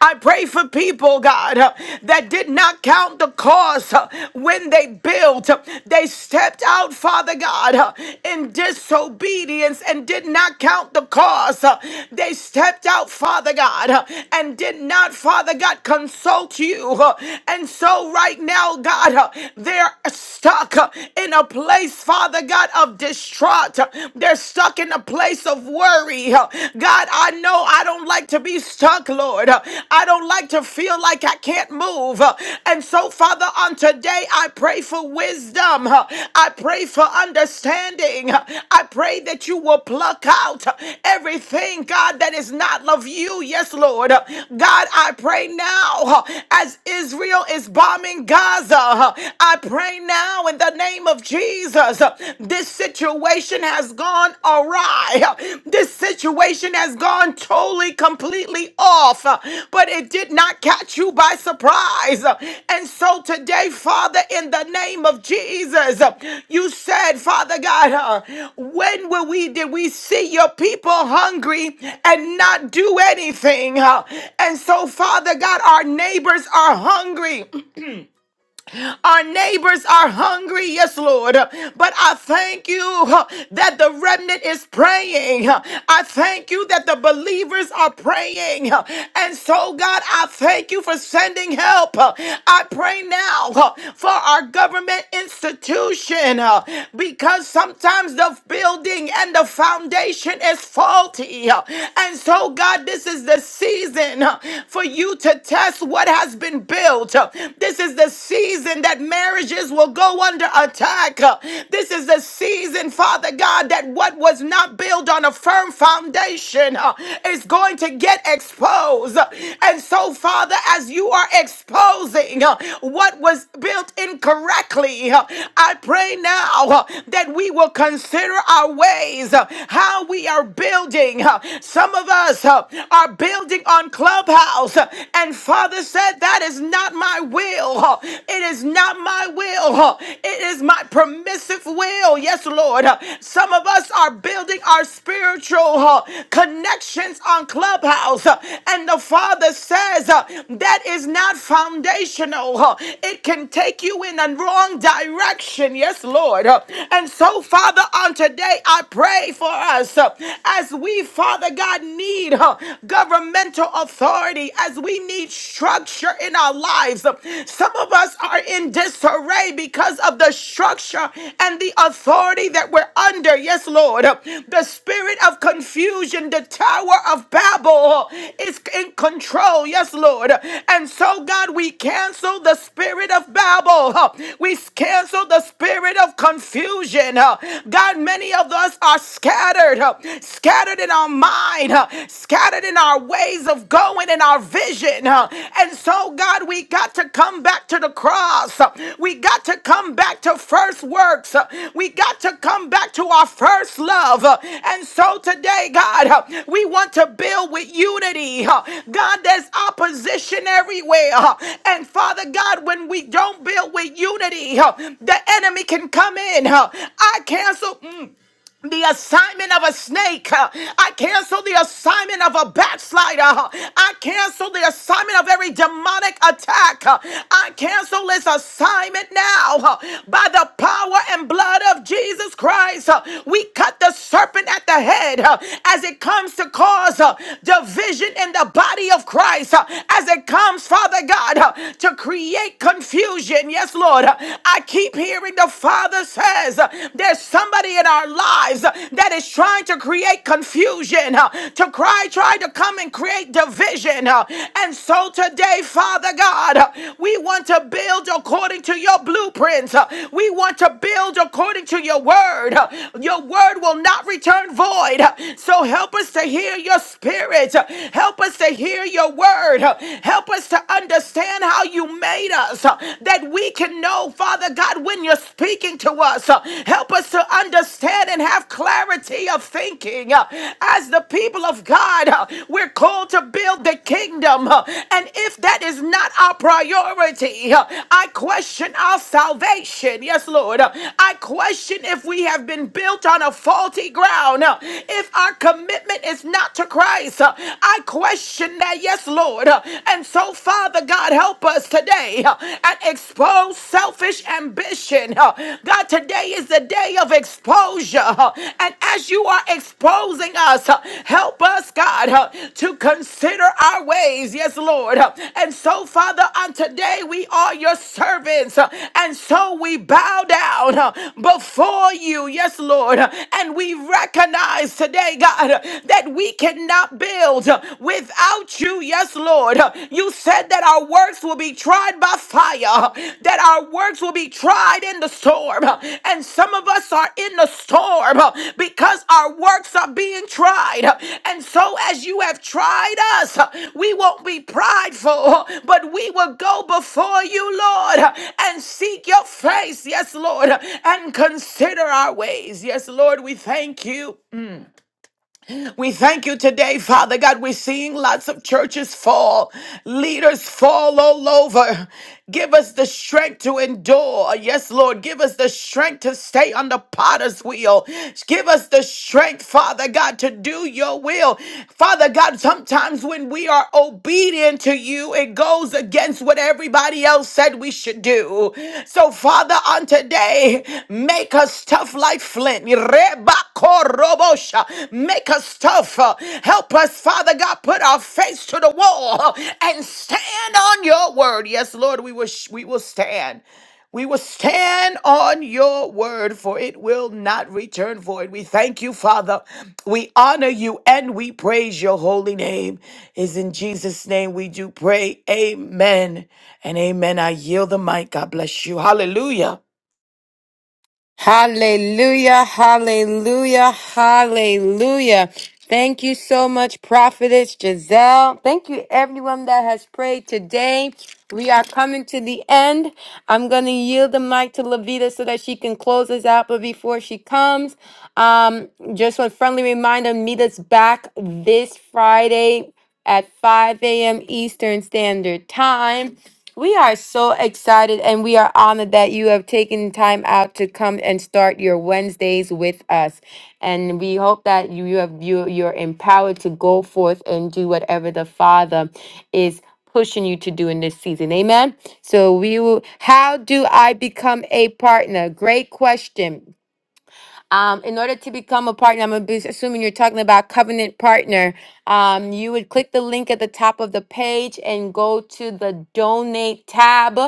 Speaker 5: I pray for people, God, uh, that did not count the cost uh, when they built. uh, They stepped out, Father God, uh, in disobedience and did not count the cost. Uh, They stepped out, Father God, uh, and did not, Father God, consult you. Uh, And so, right now, God, uh, they're stuck uh, in a place, Father God, of distraught. uh, They're stuck in a place of worry. God, I know I don't like to be stuck, Lord. I don't like to feel like I can't move. And so, Father, on today, I pray for wisdom. I pray for understanding. I pray that you will pluck out everything, God, that is not of you. Yes, Lord. God, I pray now as Israel is bombing Gaza. I pray now in the name of Jesus. Jesus, this situation has gone awry. This situation has gone totally, completely off, but it did not catch you by surprise. And so today, Father, in the name of Jesus, you said, Father God, uh, when will we did we see your people hungry and not do anything? Uh, And so, Father God, our neighbors are hungry. Our neighbors are hungry, yes, Lord. But I thank you huh, that the remnant is praying. Huh, I thank you that the believers are praying. Huh, And so, God, I thank you for sending help. Huh, I pray now huh, for our government institution huh, because sometimes the building and the foundation is faulty. Huh, And so, God, this is the season huh, for you to test what has been built built. This is the season that marriages will go under attack. This is the season, Father God, that what was not built on a firm foundation uh, is going to get exposed. And so, Father, as you are exposing uh, what was built incorrectly, uh, I pray now uh, that we will consider our ways, uh, how we are building. uh, Some of us uh, are building on Clubhouse house. And Father said, That is not my will. It is not my will. It is my permissive will. Yes, Lord. Some of us are building our spiritual connections on Clubhouse. And the Father says, That is not foundational. It can take you in a wrong direction. Yes, Lord. And so, Father, on today, I pray for us as we, Father God, need uh, governmental authority as we need structure in our lives. Some of us are in disarray because of the structure and the authority that we're under. Yes, Lord. The spirit of confusion, the Tower of Babel is in control. Yes, Lord. And so, God, we cancel the spirit of Babel. We cancel the spirit of confusion. God, many of us are scattered scattered in our mind, uh, scattered in our ways of going and our vision. uh, And so, God, we got to come back to the cross. uh, We got to come back to first works. uh, We got to come back to our first love. uh, And so today, God, uh, we want to build with unity. uh, God, there's opposition everywhere. uh, And Father God, when we don't build with unity, uh, the enemy can come in. uh, I cancel. mm, the assignment of a snake. uh, I cancel the assignment of a backslider. uh, I cancel the assignment of every demonic attack. uh, I cancel this assignment now uh, by the power and blood of Jesus Christ. uh, We cut the serpent at the head uh, as it comes to cause uh, division in the body of Christ, uh, as it comes, Father God, uh, to create confusion. Yes, Lord. Uh, I keep hearing the Father says uh, there's somebody in our lives uh, that is trying to create confusion, uh, to cry, try to come and create division. uh, And so today, Father God, uh, we want to build according to your blueprints. Uh, We want to build according to your word. Uh, Your word will not return void. Uh, So help us to hear your spirit. Uh, Help us to hear your word. Uh, Help us to understand how you made us uh, that we can know, Father God, when you're speaking to us. Uh, Help us to understand and have clarity of thinking. Uh, As the people of God, We're called to build the kingdom. uh, And if that is not our priority, uh, I question our salvation. Yes, Lord. Uh, I question if we have been built on a faulty ground. Uh, If our commitment is not to Christ, uh, I question that. Yes, Lord. Uh, And so, Father God, help us today uh, and expose selfish ambition. uh, God, today today is the day of exposure. huh? And as you are exposing us, huh, help us, God, huh, to consider our ways. Yes, Lord. huh? And so, Father, on today we are your servants. huh, And so we bow down huh, before you. Yes, Lord. huh, And we recognize today, God, huh, that we cannot build huh, without you. Yes, Lord. huh, You said that our works will be tried by fire, that our works will be tried in the storm. And some of us are in the storm because our works are being tried. And so, as you have tried us, we won't be prideful, but we will go before you, Lord, and seek your face, yes, Lord, and consider our ways. Yes, Lord, we thank you. We thank you today, Father God. We're seeing lots of churches fall, leaders fall all over. Give us the strength to endure. Yes, Lord. Give us the strength to stay on the potter's wheel. Give us the strength, Father God, to do your will. Father God, sometimes when we are obedient to you, it goes against what everybody else said we should do. So, Father, on today, make us tough like flint. Rebakorobosha. Make us tough. Help us, Father God, put our face to the wall and stand on your word. Yes, Lord, we will, we will stand. We will stand on your word, for it will not return void. We thank you, Father. We honor you and we praise your holy name. Is in Jesus' name we do pray. Amen and amen. I yield the mic. God bless you. Hallelujah.
Speaker 1: Hallelujah, hallelujah, hallelujah. Thank you so much, Prophetess Giselle. Thank you, everyone that has prayed today. We are coming to the end. I'm going to yield the mic to Levita so that she can close us out. But before she comes, um, just a friendly reminder meet us back this Friday at 5 a.m. Eastern Standard Time. We are so excited and we are honored that you have taken time out to come and start your Wednesdays with us. And we hope that you you have you you're empowered to go forth and do whatever the Father is pushing you to do in this season. Amen. So we will how do I become a partner? Great question. Um, in order to become a partner, I'm gonna be assuming you're talking about covenant partner. Um, you would click the link at the top of the page and go to the donate tab.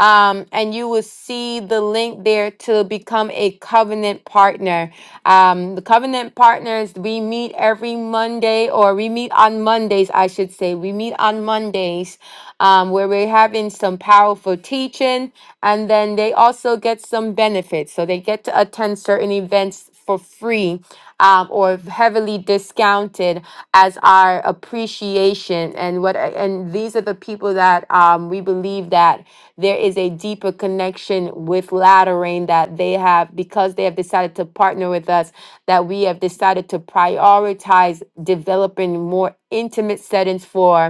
Speaker 1: Um, and you will see the link there to become a covenant partner. Um, the covenant partners, we meet every Monday, or we meet on Mondays, I should say. We meet on Mondays, um, where we're having some powerful teaching. And then they also get some benefits. So they get to attend certain events for free um, or heavily discounted as our appreciation. And what and these are the people that um, we believe that there is a deeper connection with Lateran that they have because they have decided to partner with us, that we have decided to prioritize developing more intimate settings for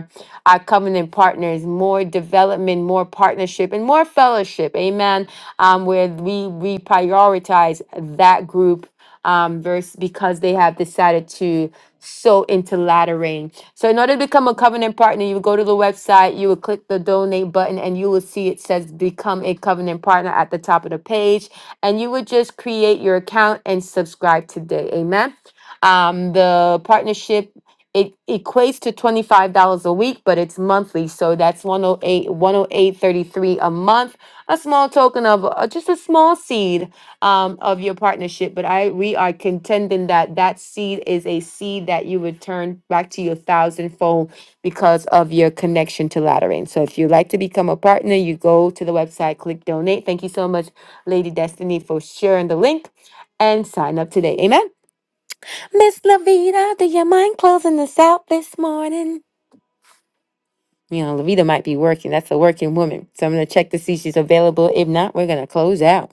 Speaker 1: our covenant partners, more development, more partnership, and more fellowship. Amen. Um, where we we prioritize that group um, verse because they have decided to sow into laddering. So in order to become a covenant partner, you go to the website, you will click the donate button, and you will see it says become a covenant partner at the top of the page. And you would just create your account and subscribe today. Amen. Um, the partnership it equates to $25 a week, but it's monthly. So that's 108 108.33 a month, a small token of uh, just a small seed um, of your partnership. But I we are contending that that seed is a seed that you return back to your thousandfold because of your connection to Lateran. So if you'd like to become a partner, you go to the website, click donate. Thank you so much, Lady Destiny, for sharing the link and sign up today. Amen. Miss Lavita, do you mind closing us out this morning? You know, Lavita might be working. That's a working woman. So I'm going to check to see if she's available. If not, we're going to close out.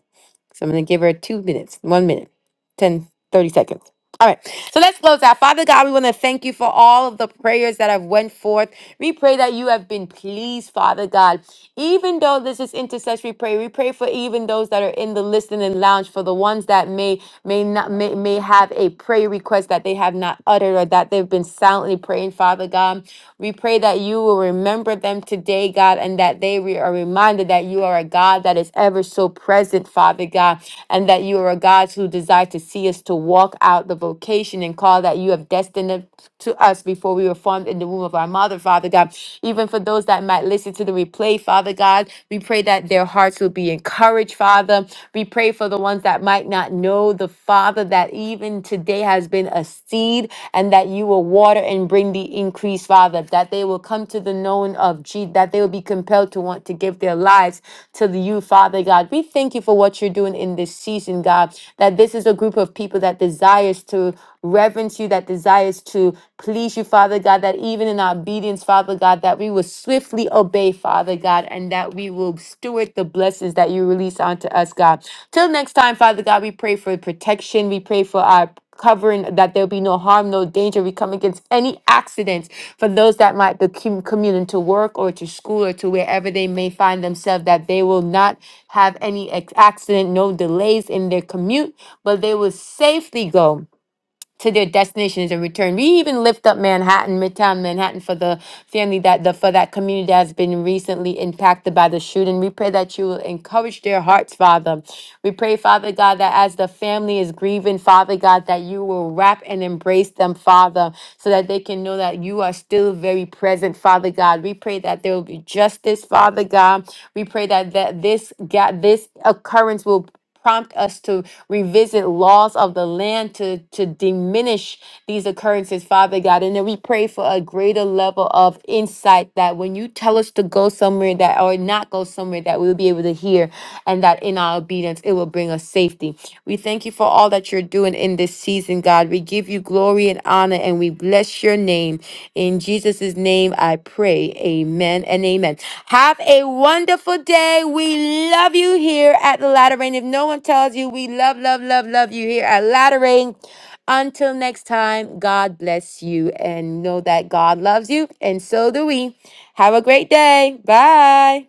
Speaker 1: So I'm going to give her two minutes, one minute, 10, 30 seconds. All right. So let's close out. Father God, we want to thank you for all of the prayers that have went forth. We pray that you have been pleased, Father God. Even though this is intercessory prayer, we pray for even those that are in the listening lounge, for the ones that may may not may, may have a prayer request that they have not uttered or that they've been silently praying, Father God. We pray that you will remember them today, God, and that they re- are reminded that you are a God that is ever so present, Father God, and and that you are a God who desires to see us to walk out the vocation and call that you have destined to us before we were formed in the womb of our mother, Father God. Even for those that might listen to the replay, Father God, we pray that their hearts will be encouraged, Father. We pray for the ones that might not know the Father that even today has been a seed and that you will water and bring the increase, Father. Father, that they will come to the knowing of Jesus, that they will be compelled to want to give their lives to you, Father God. We thank you for what you're doing in this season, God, that this is a group of people that desires to reverence you, that desires to please you, Father God, that even in our obedience, Father God, that we will swiftly obey, Father God, and that we will steward the blessings that you release onto us, God. Till next time, Father God, we pray for protection. We pray for our covering that there'll be no harm, no danger. We come against any accidents for those that might be com- commuting to work or to school or to wherever they may find themselves, that they will not have any ex- accident, no delays in their commute, but they will safely go to their destinations and return. We even lift up Manhattan, Midtown Manhattan, for the family that the for that community that has been recently impacted by the shooting. We pray that you will encourage their hearts, Father. We pray, Father God, that as the family is grieving, Father God, that you will wrap and embrace them, Father, so that they can know that you are still very present, Father God. We pray that there will be justice, Father God. We pray that that this ga- this occurrence will prompt us to revisit laws of the land to, to diminish these occurrences, Father God. And then we pray for a greater level of insight that when you tell us to go somewhere that or not go somewhere that we'll be able to hear and that in our obedience it will bring us safety. We thank you for all that you're doing in this season, God. We give you glory and honor and we bless your name. In Jesus' name I pray. Amen and amen. Have a wonderful day. We love you here at the Latter Rain. If no one tells you, we love, love, love, love you here at Latter Rain. Until next time, God bless you and know that God loves you, and so do we. Have a great day. Bye.